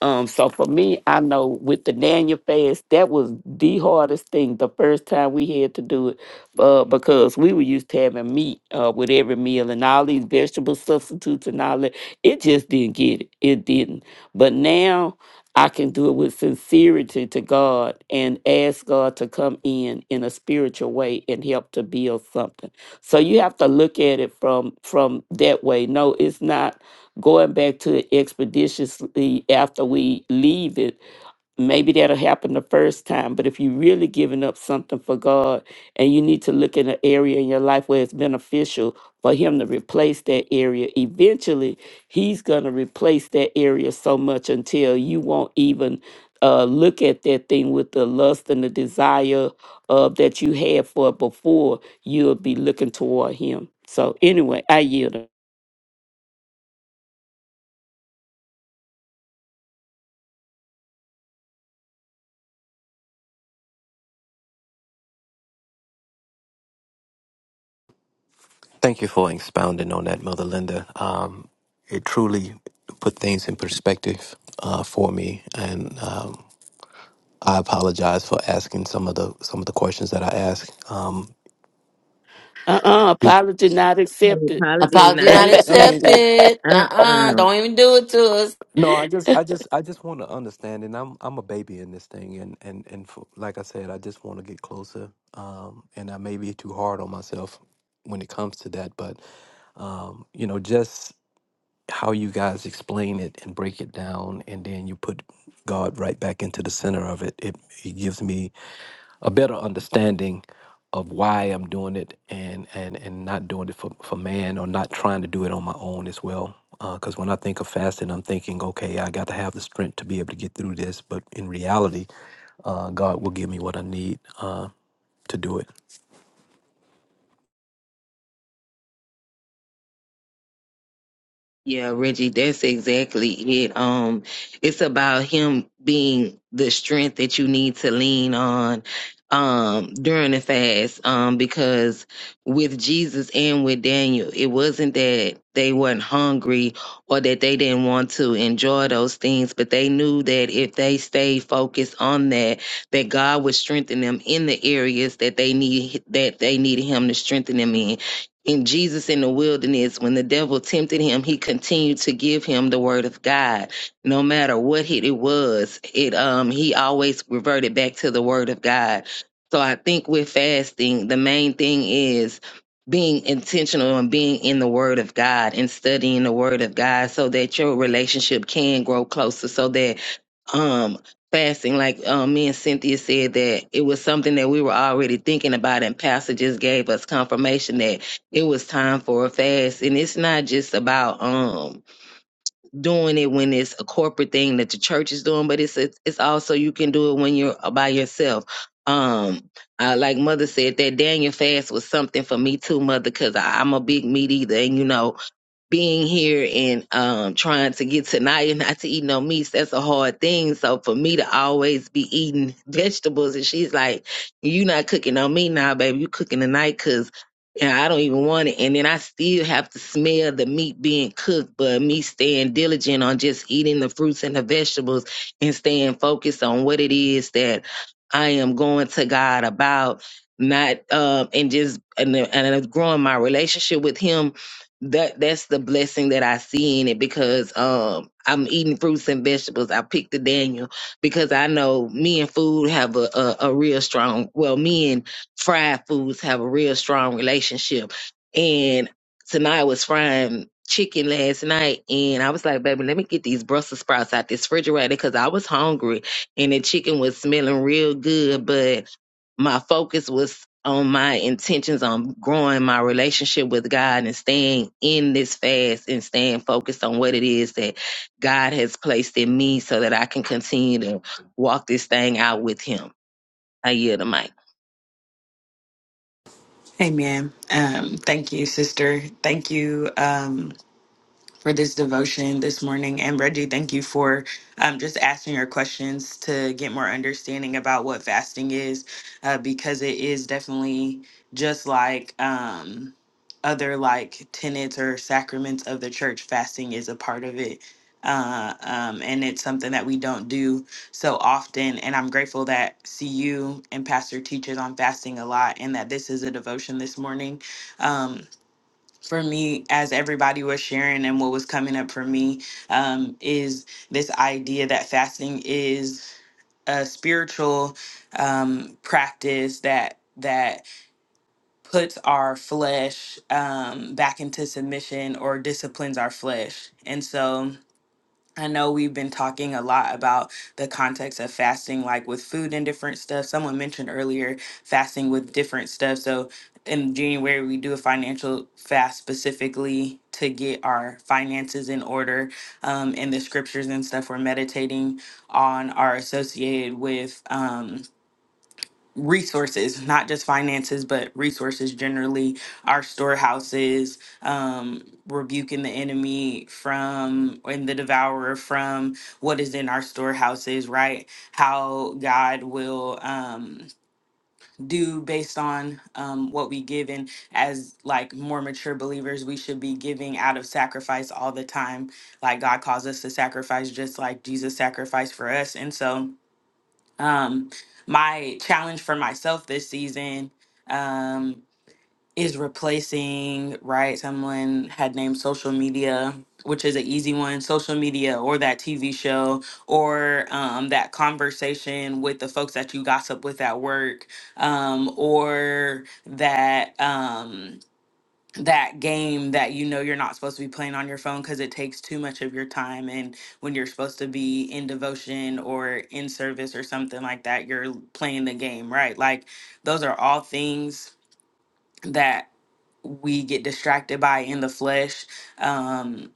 Um, so for me, I know with the Daniel fast, that was the hardest thing the first time we had to do it, uh, because we were used to having meat uh, with every meal and all these vegetable substitutes and all that. It just didn't get it. It didn't. But now I can do it with sincerity to God and ask God to come in in a spiritual way and help to build something. So you have to look at it from from that way. No, it's not going back to it expeditiously after we leave it, maybe that'll happen the first time. But if you're really giving up something for God and you need to look in an area in your life where it's beneficial for Him to replace that area, eventually He's going to replace that area so much until you won't even. Uh, look at that thing with the lust and the desire uh, that you had for it before, you'll be looking toward him. So, anyway, I yield. Thank you for expounding on that, Mother Linda. Um, it truly put things in perspective uh, for me, and um, I apologize for asking some of the some of the questions that I asked. Um, Uh-uh, apology not accepted. Apology Apology not not well, I mean, accepted. accepted. Uh Nuh-uh. uh Don't even do it to us. no, I just, I just, I just want to understand, and I'm, I'm a baby in this thing, and and and for, like I said, I just want to get closer, um, and I may be too hard on myself when it comes to that, but um, you know, just how you guys explain it and break it down, and then you put God right back into the center of it. It, it gives me a better understanding of why I'm doing it and and and not doing it for for man or not trying to do it on my own as well. Because when I think of fasting, I'm thinking, okay, I got to have the strength to be able to get through this. But in reality, uh, God will give me what I need uh, to do it. Yeah, Reggie, that's exactly it. Um, it's about him being the strength that you need to lean on um during the fast. Um, because with Jesus and with Daniel, it wasn't that they weren't hungry or that they didn't want to enjoy those things, but they knew that if they stayed focused on that, that God would strengthen them in the areas that they need that they needed him to strengthen them in in Jesus in the wilderness, when the devil tempted him, he continued to give him the word of God. No matter what hit it was, it um he always reverted back to the word of God. So I think with fasting, the main thing is being intentional and being in the word of God and studying the word of God so that your relationship can grow closer so that um fasting like um, me and cynthia said that it was something that we were already thinking about and pastor just gave us confirmation that it was time for a fast and it's not just about um doing it when it's a corporate thing that the church is doing but it's it's also you can do it when you're uh, by yourself um I, like mother said that daniel fast was something for me too mother because i'm a big meat eater and you know being here and um trying to get tonight and not to eat no meats, that's a hard thing. So for me to always be eating vegetables and she's like, You not cooking on me now, baby, you cooking tonight because yeah, I don't even want it. And then I still have to smell the meat being cooked, but me staying diligent on just eating the fruits and the vegetables and staying focused on what it is that I am going to God about, not um and just and, and uh, growing my relationship with him that that's the blessing that I see in it because um I'm eating fruits and vegetables. I picked the Daniel because I know me and food have a, a a real strong well me and fried foods have a real strong relationship. And tonight I was frying chicken last night and I was like, baby, let me get these Brussels sprouts out this refrigerator because I was hungry and the chicken was smelling real good, but my focus was on my intentions on growing my relationship with God and staying in this fast and staying focused on what it is that God has placed in me so that I can continue to walk this thing out with Him. I yield the mic. Amen. Um, thank you, sister. Thank you. Um, for this devotion this morning. And Reggie, thank you for um, just asking your questions to get more understanding about what fasting is, uh, because it is definitely just like um, other like tenets or sacraments of the church. Fasting is a part of it. Uh, um, and it's something that we don't do so often. And I'm grateful that CU and Pastor teaches on fasting a lot and that this is a devotion this morning. Um, for me as everybody was sharing and what was coming up for me um, is this idea that fasting is a spiritual um, practice that that puts our flesh um, back into submission or disciplines our flesh and so I know we've been talking a lot about the context of fasting, like with food and different stuff. Someone mentioned earlier fasting with different stuff. So in January, we do a financial fast specifically to get our finances in order. Um, and the scriptures and stuff we're meditating on are associated with. Um, resources, not just finances, but resources generally, our storehouses, um, rebuking the enemy from and the devourer from what is in our storehouses, right? How God will um, do based on um, what we give. And as like more mature believers, we should be giving out of sacrifice all the time. Like God calls us to sacrifice, just like Jesus sacrificed for us. And so, um, my challenge for myself this season um, is replacing, right? Someone had named social media, which is an easy one social media or that TV show or um, that conversation with the folks that you gossip with at work um, or that. Um, that game that you know you're not supposed to be playing on your phone because it takes too much of your time and when you're supposed to be in devotion or in service or something like that you're l- playing the game right like those are all things that we get distracted by in the flesh um,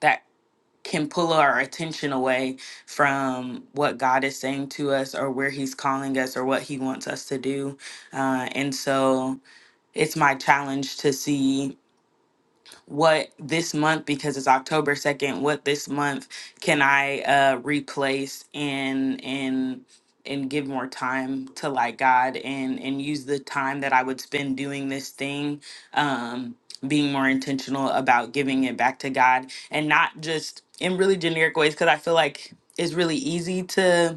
that can pull our attention away from what god is saying to us or where he's calling us or what he wants us to do uh, and so it's my challenge to see what this month because it's October 2nd, what this month can I uh replace and and and give more time to like God and and use the time that I would spend doing this thing um being more intentional about giving it back to God and not just in really generic ways because I feel like it's really easy to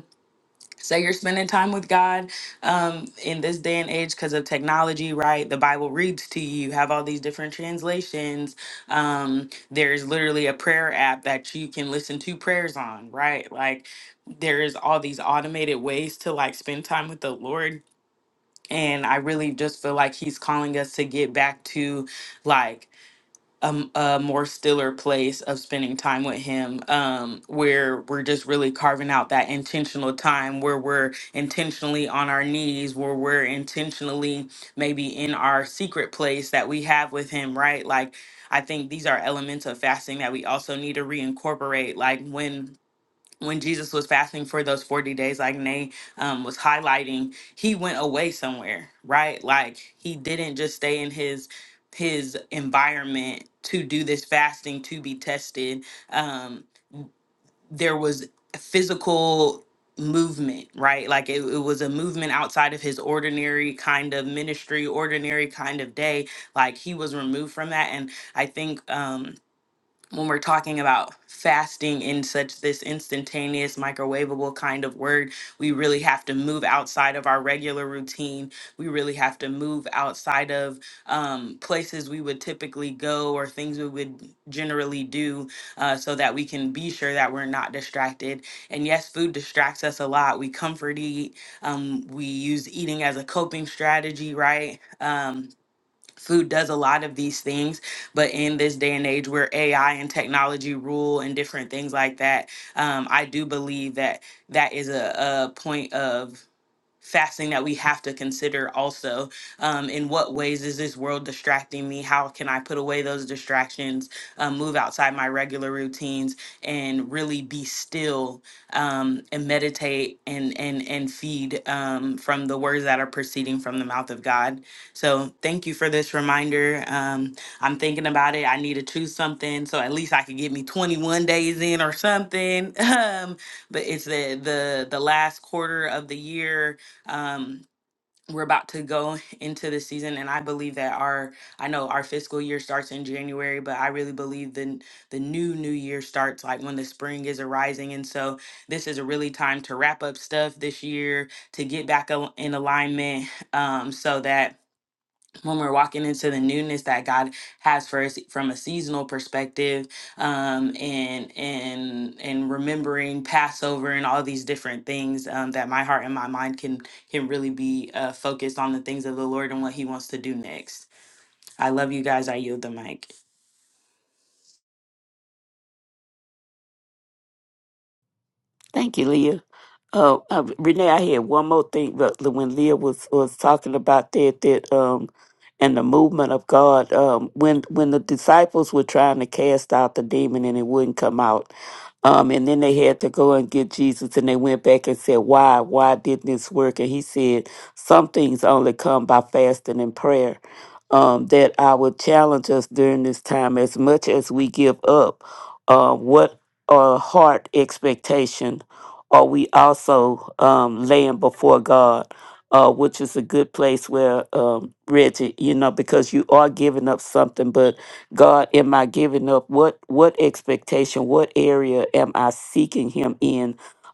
Say you're spending time with God um, in this day and age because of technology, right? The Bible reads to you. You have all these different translations. Um, there's literally a prayer app that you can listen to prayers on, right? Like there is all these automated ways to like spend time with the Lord. And I really just feel like he's calling us to get back to like a, m- a more stiller place of spending time with him um where we're just really carving out that intentional time where we're intentionally on our knees where we're intentionally maybe in our secret place that we have with him right like i think these are elements of fasting that we also need to reincorporate like when when Jesus was fasting for those 40 days, like Nay um, was highlighting, he went away somewhere, right? Like he didn't just stay in his his environment to do this fasting to be tested. Um, there was physical movement, right? Like it, it was a movement outside of his ordinary kind of ministry, ordinary kind of day. Like he was removed from that. And I think Um, when we're talking about fasting in such this instantaneous microwavable kind of word we really have to move outside of our regular routine we really have to move outside of um, places we would typically go or things we would generally do uh, so that we can be sure that we're not distracted and yes food distracts us a lot we comfort eat um, we use eating as a coping strategy right Um, food does a lot of these things but in this day and age where ai and technology rule and different things like that um, i do believe that that is a, a point of fasting that we have to consider also um, in what ways is this world distracting me how can i put away those distractions um, move outside my regular routines and really be still um, and meditate and and and feed um, from the words that are proceeding from the mouth of god so thank you for this reminder um, i'm thinking about it i need to choose something so at least i could get me 21 days in or something um, but it's the the the last quarter of the year um we're about to go into the season and i believe that our i know our fiscal year starts in january but i really believe the n- the new new year starts like when the spring is arising and so this is a really time to wrap up stuff this year to get back al- in alignment um so that when we're walking into the newness that God has for us from a seasonal perspective, um, and and and remembering Passover and all these different things, um, that my heart and my mind can can really be uh, focused on the things of the Lord and what He wants to do next. I love you guys. I yield the mic. Thank you, Leah. Uh, uh, Renee, I had one more thing. But when Leah was was talking about that, that um, and the movement of God, um, when when the disciples were trying to cast out the demon and it wouldn't come out, um, and then they had to go and get Jesus, and they went back and said, "Why? Why didn't this work?" And he said, "Some things only come by fasting and prayer." Um, that I would challenge us during this time as much as we give up. Uh, what a heart expectation are we also um, laying before God, uh, which is a good place where, um, Reggie, you know, because you are giving up something, but God, am I giving up? What what expectation? What area am I seeking Him in?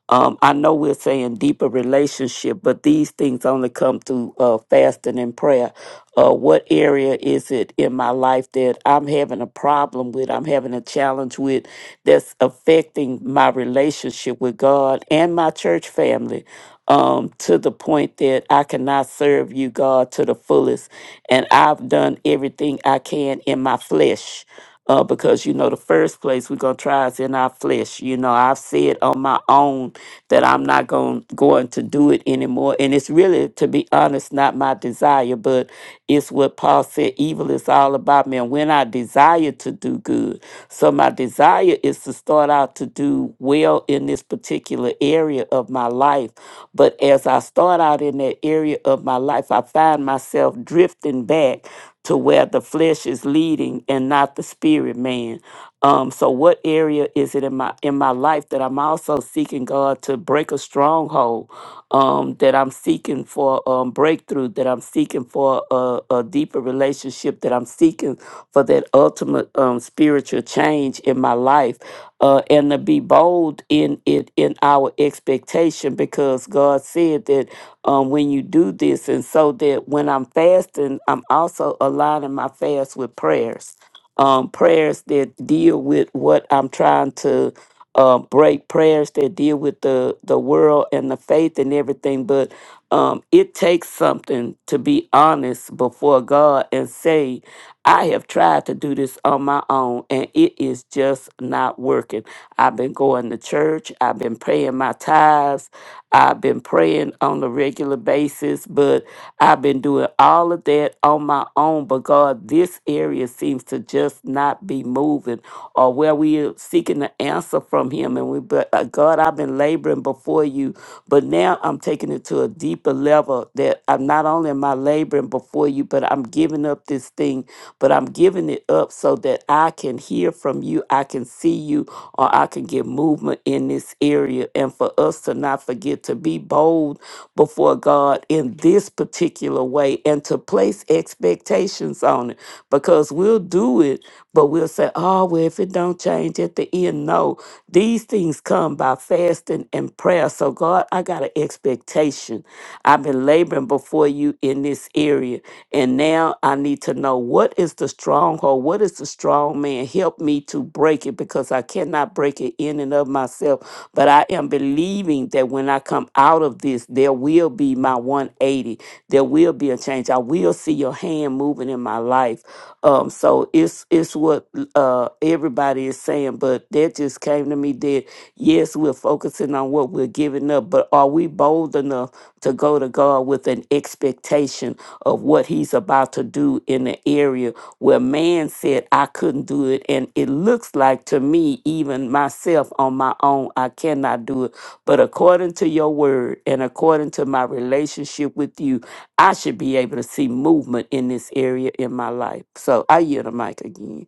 Um, I know we're saying deeper relationship, but these things only come through uh, fasting and prayer. Uh, what area is it in my life that I'm having a problem with, I'm having a challenge with, that's affecting my relationship with God and my church family um, to the point that I cannot serve you, God, to the fullest? And I've done everything I can in my flesh uh, because you know the first place we're gonna try is in our flesh. You know, I've said on my own that I'm not going going to do it anymore, and it's really, to be honest, not my desire, but it's what Paul said: evil is all about me. And when I desire to do good, so my desire is to start out to do well in this particular area of my life, but as I start out in that area of my life, I find myself drifting back to where the flesh is leading and not the spirit man. Um, so what area is it in my in my life that I'm also seeking God to break a stronghold? Um, that I'm seeking for um, breakthrough, that I'm seeking for a, a deeper relationship, that I'm seeking for that ultimate um, spiritual change in my life, uh, and to be bold in it in our expectation, because God said that um, when you do this. And so that when I'm fasting, I'm also aligning my fast with prayers, um, prayers that deal with what I'm trying to uh, break, prayers that deal with the, the world and the faith and everything. But um, it takes something to be honest before God and say, I have tried to do this on my own and it is just not working. I've been going to church, I've been paying my tithes, I've been praying on a regular basis, but I've been doing all of that on my own. But God, this area seems to just not be moving or where we are seeking an answer from Him. And we, but uh, God, I've been laboring before you, but now I'm taking it to a deeper level that I'm not only am I laboring before you, but I'm giving up this thing, but I'm giving it up so that I can hear from you, I can see you, or I can get movement in this area. And for us to not forget to be bold before God in this particular way and to place expectations on it because we'll do it, but we'll say, oh, well, if it don't change at the end, no. These things come by fasting and prayer. So, God, I got an expectation. I've been laboring before you in this area. And now I need to know what is the stronghold? What is the strong man? Help me to break it because I cannot break it in and of myself. But I am believing that when I come out of this, there will be my 180. There will be a change. I will see your hand moving in my life. Um, so it's it's what uh everybody is saying, but that just came to me that yes, we're focusing on what we're giving up, but are we bold enough to go to God with an expectation? of what he's about to do in the area where man said I couldn't do it. And it looks like to me, even myself on my own, I cannot do it. But according to your word and according to my relationship with you, I should be able to see movement in this area in my life. So I yield the mic again.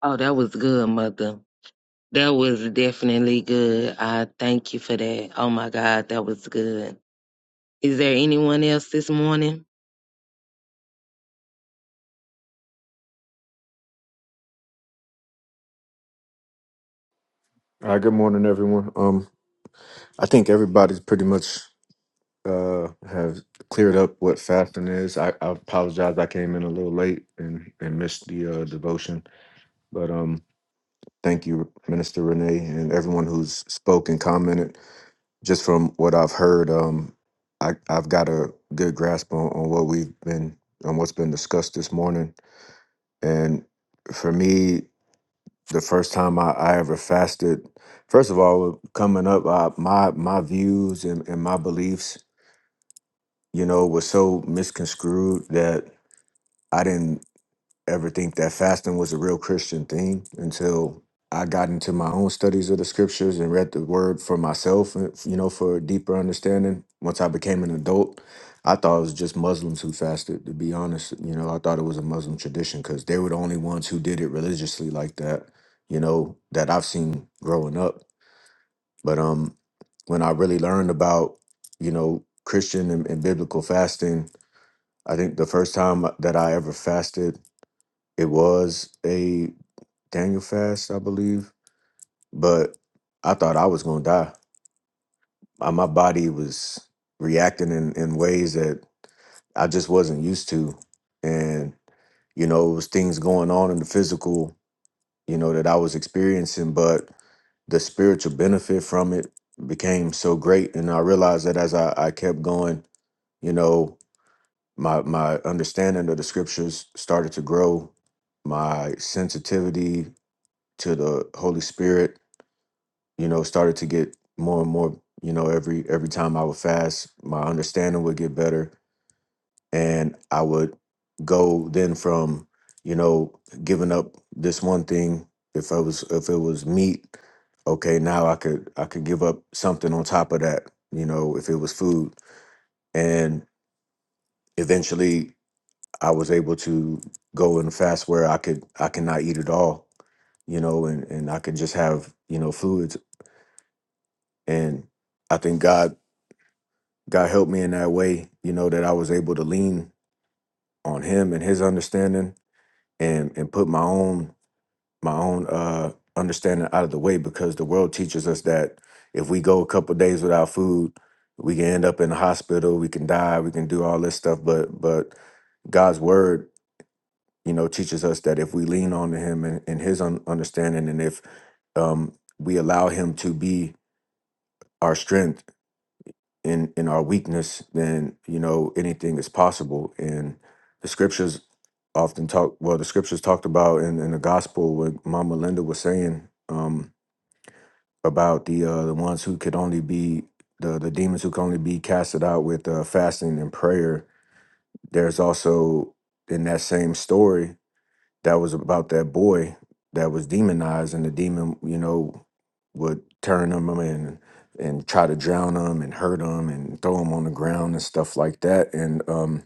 Oh, that was good, Mother. That was definitely good. I thank you for that. Oh my God, that was good. Is there anyone else this morning? Uh, good morning, everyone. Um, I think everybody's pretty much uh have cleared up what fasting is. I, I apologize, I came in a little late and and missed the uh, devotion, but um, thank you, Minister Renee, and everyone who's spoke and commented. Just from what I've heard, um, I I've got a good grasp on, on what we've been on what's been discussed this morning, and for me. the first time I, I ever fasted, first of all, coming up, uh, my my views and, and my beliefs, you know, was so misconstrued that I didn't ever think that fasting was a real Christian thing until I got into my own studies of the scriptures and read the word for myself, and, you know, for a deeper understanding. Once I became an adult, I thought it was just Muslims who fasted, to be honest. You know, I thought it was a Muslim tradition because they were the only ones who did it religiously like that, you know, that I've seen growing up. But um when I really learned about, you know, Christian and, and biblical fasting, I think the first time that I ever fasted it was a Daniel fast, I believe, but I thought I was going to die. My my body was reacting in, in ways that I just wasn't used to. And, you know, it was things going on in the physical, you know, that I was experiencing, but the spiritual benefit from it became so great. And I realized that as I, I kept going, you know, my my understanding of the scriptures started to grow. My sensitivity to the Holy Spirit, you know, started to get more and more, you know, every every time I would fast, my understanding would get better and I would go then from, you know, giving up this one thing if I was if it was meat, okay, now I could I could give up something on top of that, you know, if it was food. And eventually I was able to go and fast where I could I cannot eat at all, you know, and and I could just have, you know, fluids and I think God God helped me in that way. You know that I was able to lean on Him and His understanding, and and put my own my own uh, understanding out of the way because the world teaches us that if we go a couple days without food, we can end up in the hospital, we can die, we can do all this stuff. But but God's word, you know, teaches us that if we lean on to Him and, and His un- understanding, and if um, we allow Him to be our strength in in our weakness, then you know anything is possible. And the scriptures often talk. Well, the scriptures talked about in, in the gospel what Mama Linda was saying um, about the uh, the ones who could only be the the demons who could only be casted out with uh, fasting and prayer. There's also in that same story that was about that boy that was demonized and the demon you know would turn him and and try to drown him and hurt him and throw him on the ground and stuff like that and um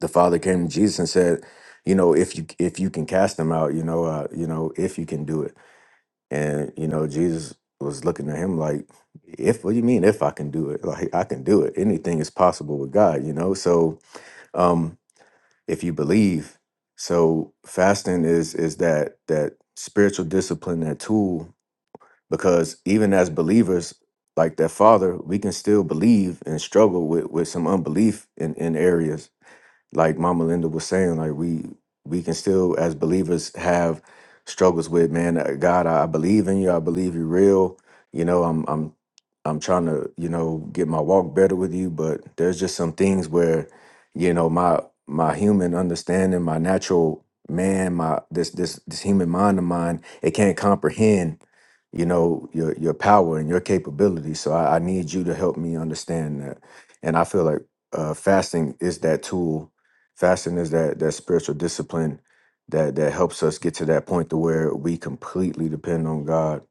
the father came to jesus and said you know if you if you can cast them out you know uh you know if you can do it and you know jesus was looking at him like if what do you mean if i can do it like i can do it anything is possible with god you know so um if you believe. So fasting is is that that spiritual discipline, that tool, because even as believers, like that father, we can still believe and struggle with with some unbelief in in areas like Mama Linda was saying, like we we can still as believers have struggles with man, uh, God, I I believe in you, I believe you're real. You know, I'm I'm I'm trying to, you know, get my walk better with you, but there's just some things where, you know, my my human understanding, my natural man, my this this this human mind of mine, it can't comprehend, you know, your your power and your capability. So I, I need you to help me understand that. And I feel like uh, fasting is that tool Fasting is that that spiritual discipline that that helps us get to that point to where we completely depend on God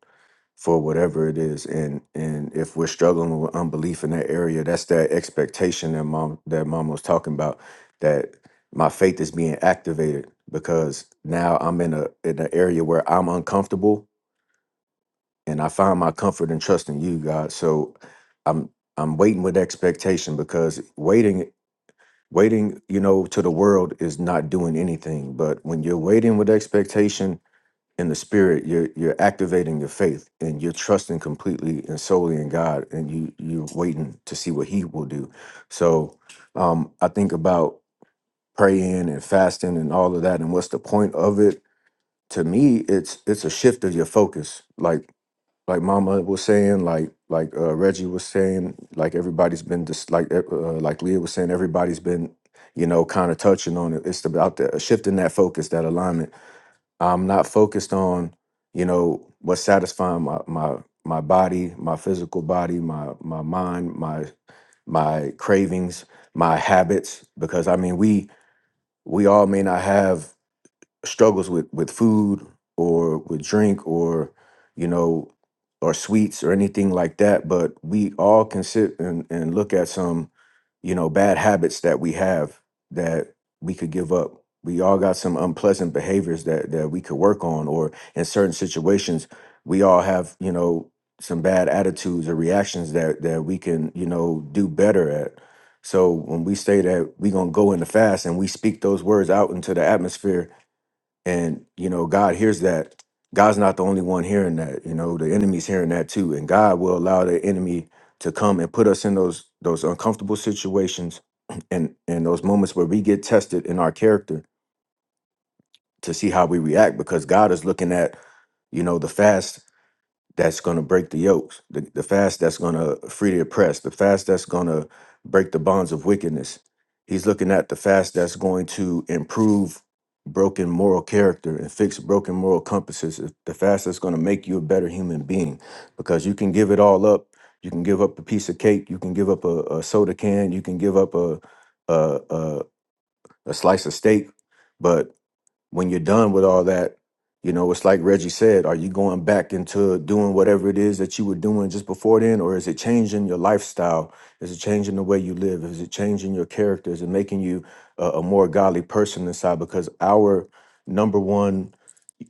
for whatever it is. And and if we're struggling with unbelief in that area, that's that expectation that mom that mom was talking about, that my faith is being activated because now I'm in a in an area where I'm uncomfortable and I find my comfort and trust in you, God. So I'm I'm waiting with expectation because waiting waiting you know to the world is not doing anything but when you're waiting with expectation in the spirit you're you're activating your faith and you're trusting completely and solely in god and you you're waiting to see what he will do so um i think about praying and fasting and all of that and what's the point of it to me it's it's a shift of your focus like like Mama was saying, like like uh, Reggie was saying, like everybody's been just like uh, uh, like Leah was saying, everybody's been you know kind of touching on it. It's about the shifting that focus, that alignment. I'm not focused on you know what's satisfying my my my body, my physical body, my my mind, my my cravings, my habits, because I mean we we all may not have struggles with with food or with drink or you know or sweets or anything like that but we all can sit and, and look at some you know bad habits that we have that we could give up we all got some unpleasant behaviors that that we could work on or in certain situations we all have you know some bad attitudes or reactions that that we can you know do better at so when we say that we're going to go in the fast and we speak those words out into the atmosphere and, you know, God hears that. God's not the only one hearing that. You know, the enemy's hearing that too. And God will allow the enemy to come and put us in those those uncomfortable situations and and those moments where we get tested in our character to see how we react because God is looking at, you know, the fast that's going to break the yokes, the, the fast that's going to free the oppressed, the fast that's going to break the bonds of wickedness. He's looking at the fast that's going to improve broken moral character and fix broken moral compasses, if- the fast that's going to make you a better human being because you can give it all up. You can give up a piece of cake, you can give up a, a soda can, you can give up a, a, a, a slice of steak, but when you're done with all that, you know, it's like Reggie said, are you going back into doing whatever it is that you were doing just before then? Or is it changing your lifestyle? Is it changing the way you live? Is it changing your character? Is it making you a, a more godly person inside? Because our number one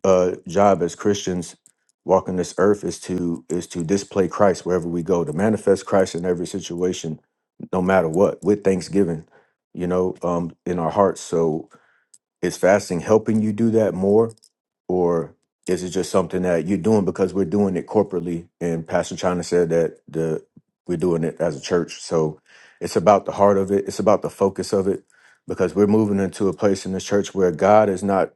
uh, job as Christians walking this earth is to is to display Christ wherever we go, to manifest Christ in every situation, no matter what, with thanksgiving, you know, um, in our hearts. So is fasting helping you do that more? Or is it just something that you're doing because we're doing it corporately? And Pastor China said that the we're doing it as a church. So it's about the heart of it. It's about the focus of it. Because we're moving into a place in this church where God is not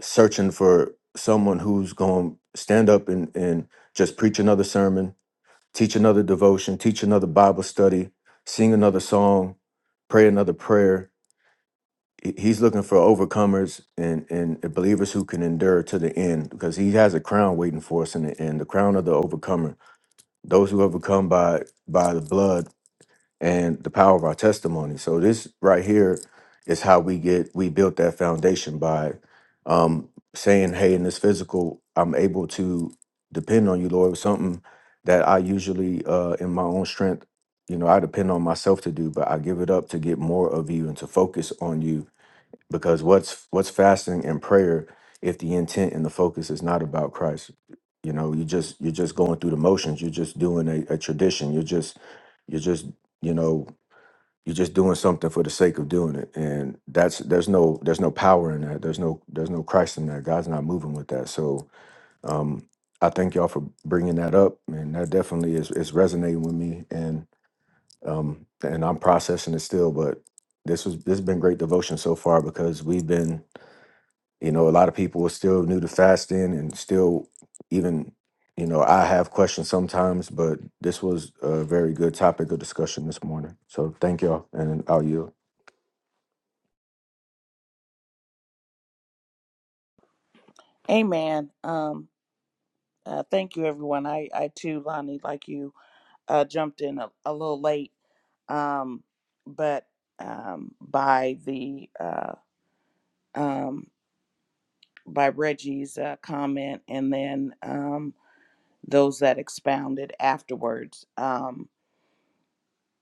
searching for someone who's going to stand up and, and just preach another sermon, teach another devotion, teach another Bible study, sing another song, pray another prayer he- he's looking for overcomers and and believers who can endure to the end because he has a crown waiting for us in the end the crown of the overcomer those who overcome by by the blood and the power of our testimony so this right here is how we get we built that foundation by um saying hey in this physical i'm able to depend on you lord something that i usually uh in my own strength you know i depend on myself to do but i give it up to get more of you and to focus on you because what's what's fasting and prayer if the intent and the focus is not about christ you know you just you're just going through the motions you're just doing a, a tradition you're just you're just you know you're just doing something for the sake of doing it and that's there's no there's no power in that there's no there's no christ in that god's not moving with that so um i thank y'all for bringing that up and that definitely is is resonating with me and um and i'm processing it still but this was this has been great devotion so far because we've been you know a lot of people are still new to fasting and still even you know i have questions sometimes but this was a very good topic of discussion this morning so thank y'all and i'll yield Amen. Um, uh, thank you, everyone. I, I too, Lonnie, like you, uh, jumped in a, a little late, um, but um, by the uh, um, by Reggie's uh, comment, and then um, those that expounded afterwards, um,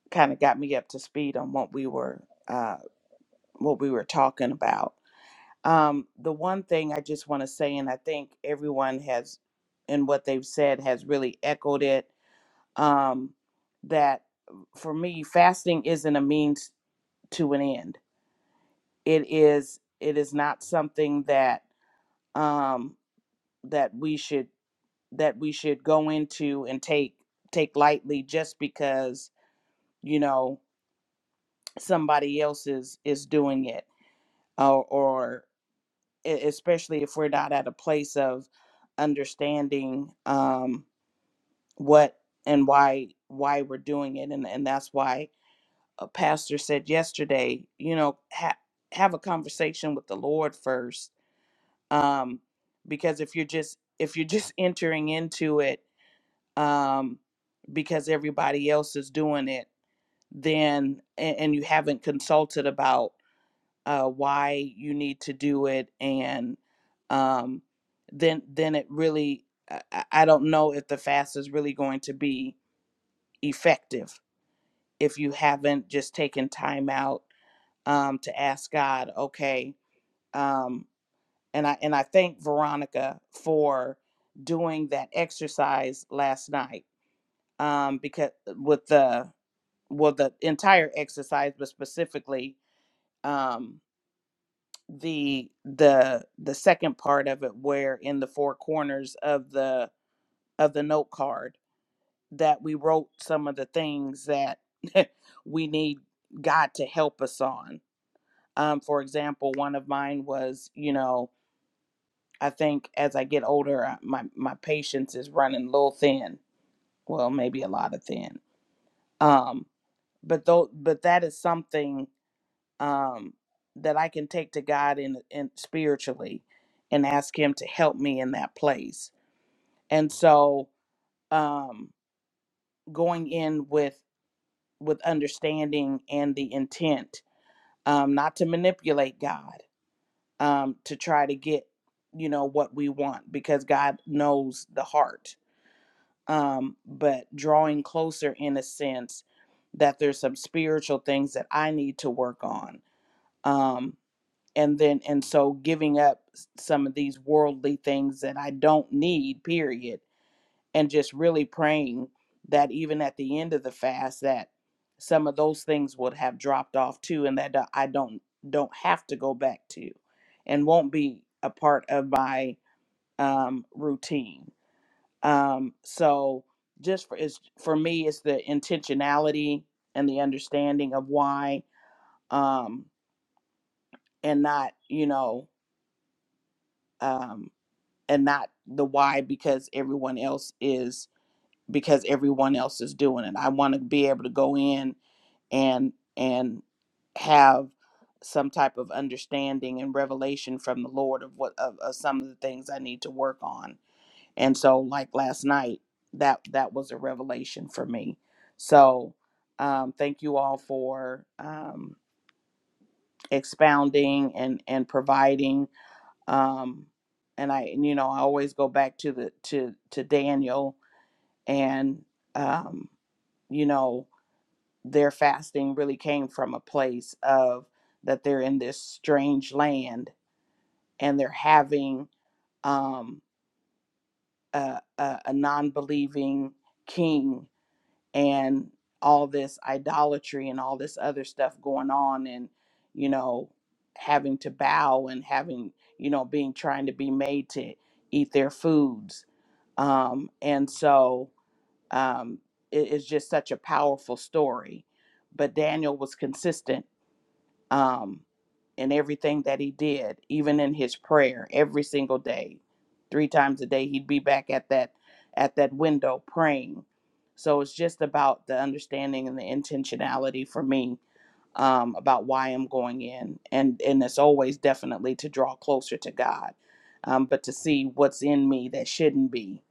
kind of got me up to speed on what we were uh, what we were talking about. Um, the one thing I just want to say, and I think everyone has, in what they've said, has really echoed it um, that for me fasting isn't a means to an end it is it is not something that um that we should that we should go into and take take lightly just because you know somebody else is is doing it or or e- especially if we're not at a place of understanding um what and why why we're doing it and and that's why a pastor said yesterday, you know, ha- have a conversation with the Lord first, um, because if you're just if you're just entering into it um, because everybody else is doing it, then and, and you haven't consulted about uh, why you need to do it, and um, then then it really I, I I don't know if the fast is really going to be effective if you haven't just taken time out um, to ask God, okay, um, and I and I thank Veronica for doing that exercise last night um, because with the well the entire exercise, but specifically um, the the the second part of it, where in the four corners of the of the note card that we wrote some of the things that we need God to help us on. Um, for example, one of mine was, you know, I think as I get older, I- my my patience is running a little thin. Well, maybe a lot of thin. Um, but though, but that is something um, that I can take to God in, in spiritually, and ask Him to help me in that place. And so, um, going in with with understanding and the intent, um, not to manipulate God, um, to try to get you know what we want, because God knows the heart um, but drawing closer in a sense that there's some spiritual things that I need to work on. Um, and then, and so giving up s- some of these worldly things that I don't need, period, and just really praying that even at the end of the fast, that some of those things would have dropped off too, and that uh, I don't don't have to go back to, and won't be a part of my um, routine. Um, so just for it's for me, it's the intentionality and the understanding of why, um, and not you know, um, and not the why because everyone else is because everyone else is doing it. I want to be able to go in and and have some type of understanding and revelation from the Lord of what of, of some of the things I need to work on And so like last night, that that was a revelation for me. So um, thank you all for um, expounding and and providing. Um, and I you know I always go back to the to to Daniel and um, you know their fasting really came from a place of that they're in this strange land and they're having um, a, a, a non-believing king and all this idolatry and all this other stuff going on and you know having to bow and having you know being trying to be made to eat their foods um and so um it is just such a powerful story but daniel was consistent um, in everything that he did, even in his prayer every single day, three times a day, he'd be back at that at that window praying. So it's just about the understanding and the intentionality for me um, about why I'm going in, and and it's always definitely to draw closer to God, um, but to see what's in me that shouldn't be,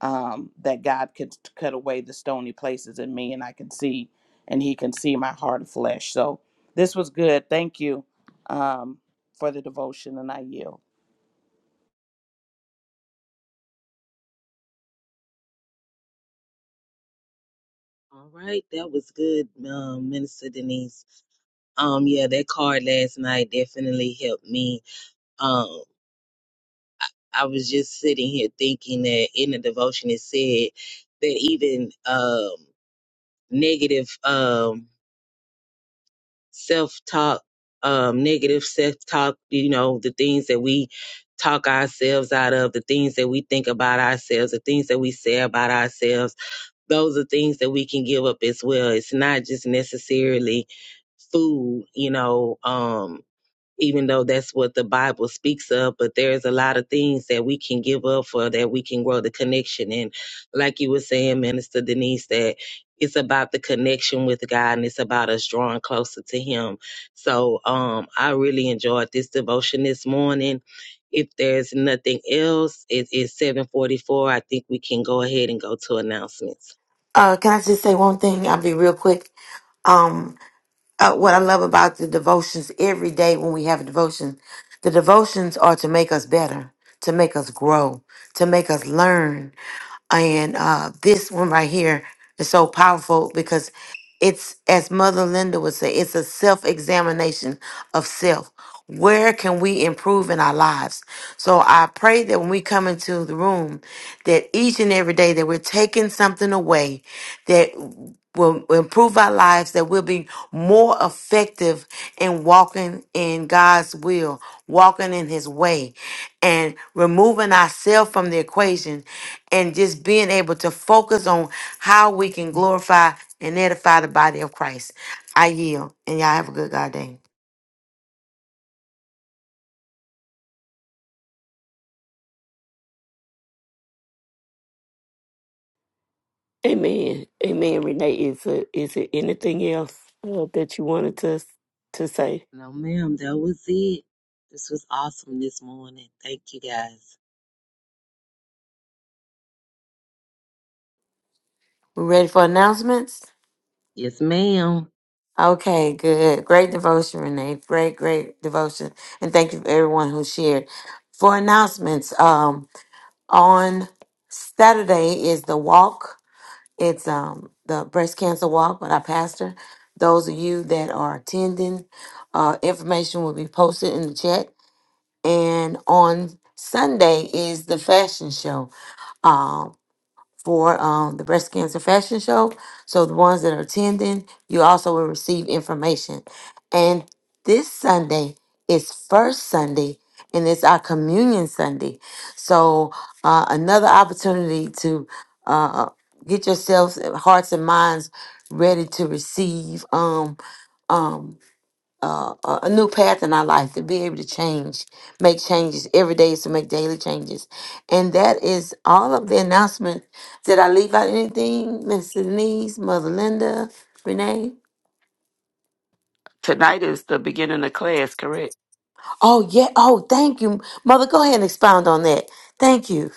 um, that God could cut away the stony places in me, and I can see, and He can see my heart of flesh. So this was good. Thank you um, for the devotion, and I yield. All right, that was good, um, Minister Denise. Um, yeah, that card last night definitely helped me Um, I was just sitting here thinking that in the devotion it said that even um, negative um, self talk, um, negative self talk, you know, the things that we talk ourselves out of, the things that we think about ourselves, the things that we say about ourselves, those are things that we can give up as well. It's not just necessarily food, you know. Um, even though that's what the Bible speaks of, but there's a lot of things that we can give up for that we can grow the connection. And like you were saying, Minister Denise, that it's about the connection with God and it's about us drawing closer to Him. So um, I really enjoyed this devotion this morning. If there's nothing else, it is 744. I think we can go ahead and go to announcements. Uh, can I just say one thing? I'll be real quick. Um, uh, what I love about the devotions every day when we have a devotion, the devotions are to make us better, to make us grow, to make us learn. And uh, this one right here is so powerful because it's, as Mother Linda would say, it's a self examination of self. Where can we improve in our lives? So I pray that when we come into the room, that each and every day that we're taking something away, that will will improve our lives, that we'll be more effective in walking in God's will, walking in His way, and removing ourselves from the equation and just being able to focus on how we can glorify and edify the body of Christ. I yield, and y'all have a good God day. Amen. Amen, Renee. Is it is it anything else uh, that you wanted to to say? No, ma'am, that was it. This was awesome this morning. Thank you guys. We ready for announcements? Yes, ma'am. Okay, good. Great devotion, Renee. Great, great devotion. And thank you for everyone who shared. For announcements, um. on Saturday is the walk. It's um the breast cancer walk with our pastor. Those of you that are attending, uh, information will be posted in the chat. And on Sunday is the fashion show. Um, for um, the breast cancer fashion show. So the ones that are attending, you also will receive information. And this Sunday is first Sunday, and it's our communion Sunday. So uh, another opportunity to uh, get yourselves, hearts and minds ready to receive. Um, um, uh, a a new path in our life to be able to change, make changes every day is to make daily changes, and that is all of the announcement. Did I leave out anything, Minister Denise, Mother Linda, Renee? Tonight is the beginning of class, correct? Oh yeah. Oh, thank you, Mother. Go ahead and expound on that. Thank you.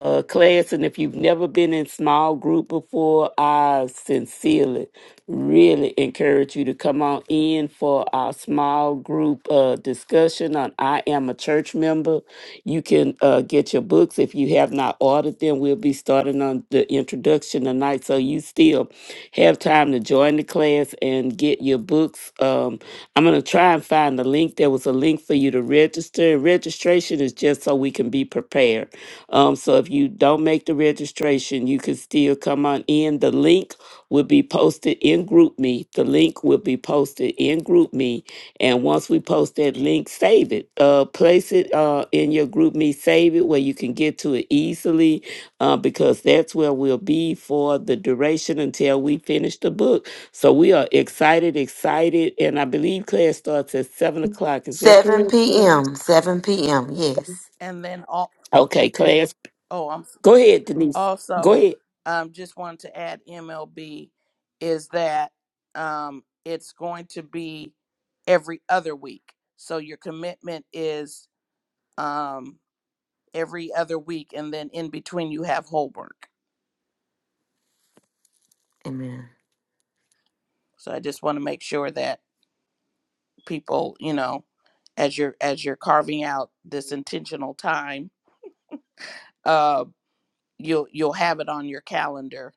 uh, class. And if you've never been in small group before, I sincerely really encourage you to come on in for our small group uh, discussion on I Am a Church Member. You can uh, get your books if you have not ordered them. We'll be starting on the introduction tonight, so you still have time to join the class and get your books. Um, I'm going to try and find the link. There was a link for you to register. Registration is just so we can be prepared. Um, so if you don't make the registration, you can still come on in. The link will be posted in GroupMe. The link will be posted in GroupMe, and once we post that link, save it. Uh, place it uh, in your GroupMe. Save it where you can get to it easily, uh, because that's where we'll be for the duration until we finish the book. So we are excited, excited, and I believe class starts at seven o'clock. Is that Seven correct? Correct. p.m. Seven p.m. Yes. And then all, Okay, class. oh, I'm Go ahead, Denise. Go also ahead. um, just wanted to add MLB is that um, it's going to be every other week. So your commitment is um, every other week, and then in between you have Holbrook. Amen. So I just want to make sure that people you know as you're as you're carving out this intentional time uh you'll you'll have it on your calendar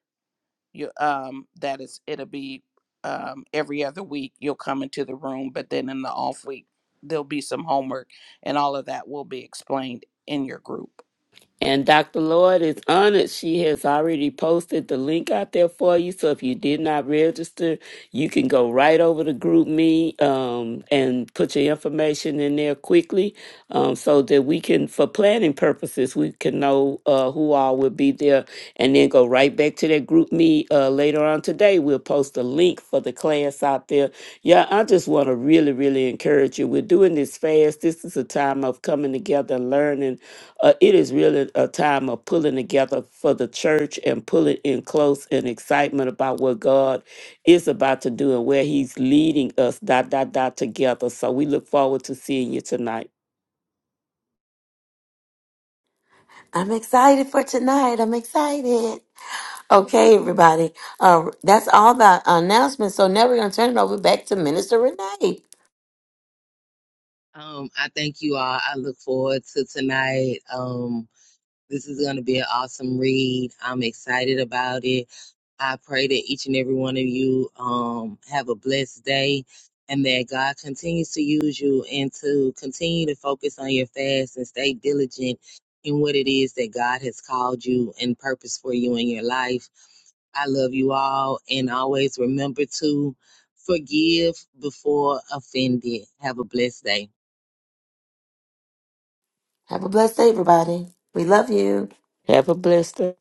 you um that is it'll be um every other week you'll come into the room but then in the off week there'll be some homework and all of that will be explained in your group And Dr. Lloyd is honored. She has already posted the link out there for you. So if you did not register, you can go right over to Group Me um, and put your information in there quickly um, so that we can, for planning purposes, we can know uh, who all will be there and then go right back to that Group Me uh, later on today. We'll post a link for the class out there. Yeah, I just want to really, really encourage you. We're doing this fast. This is a time of coming together and learning uh, it is really a time of pulling together for the church and pulling in close and excitement about what God is about to do and where He's leading us, dot, dot, dot, together. So we look forward to seeing you tonight. I'm excited for tonight. I'm excited. Okay, everybody. Uh, that's all the announcements. So now we're gonna turn it over back to Minister Renee. Um, I thank you all. I look forward to tonight. Um, this is going to be an awesome read. I'm excited about it. I pray that each and every one of you um, have a blessed day and that God continues to use you and to continue to focus on your fast and stay diligent in what it is that God has called you and purpose for you in your life. I love you all and always remember to forgive before offended. Have a blessed day. Have a blessed day, everybody. We love you. Have a blessed day.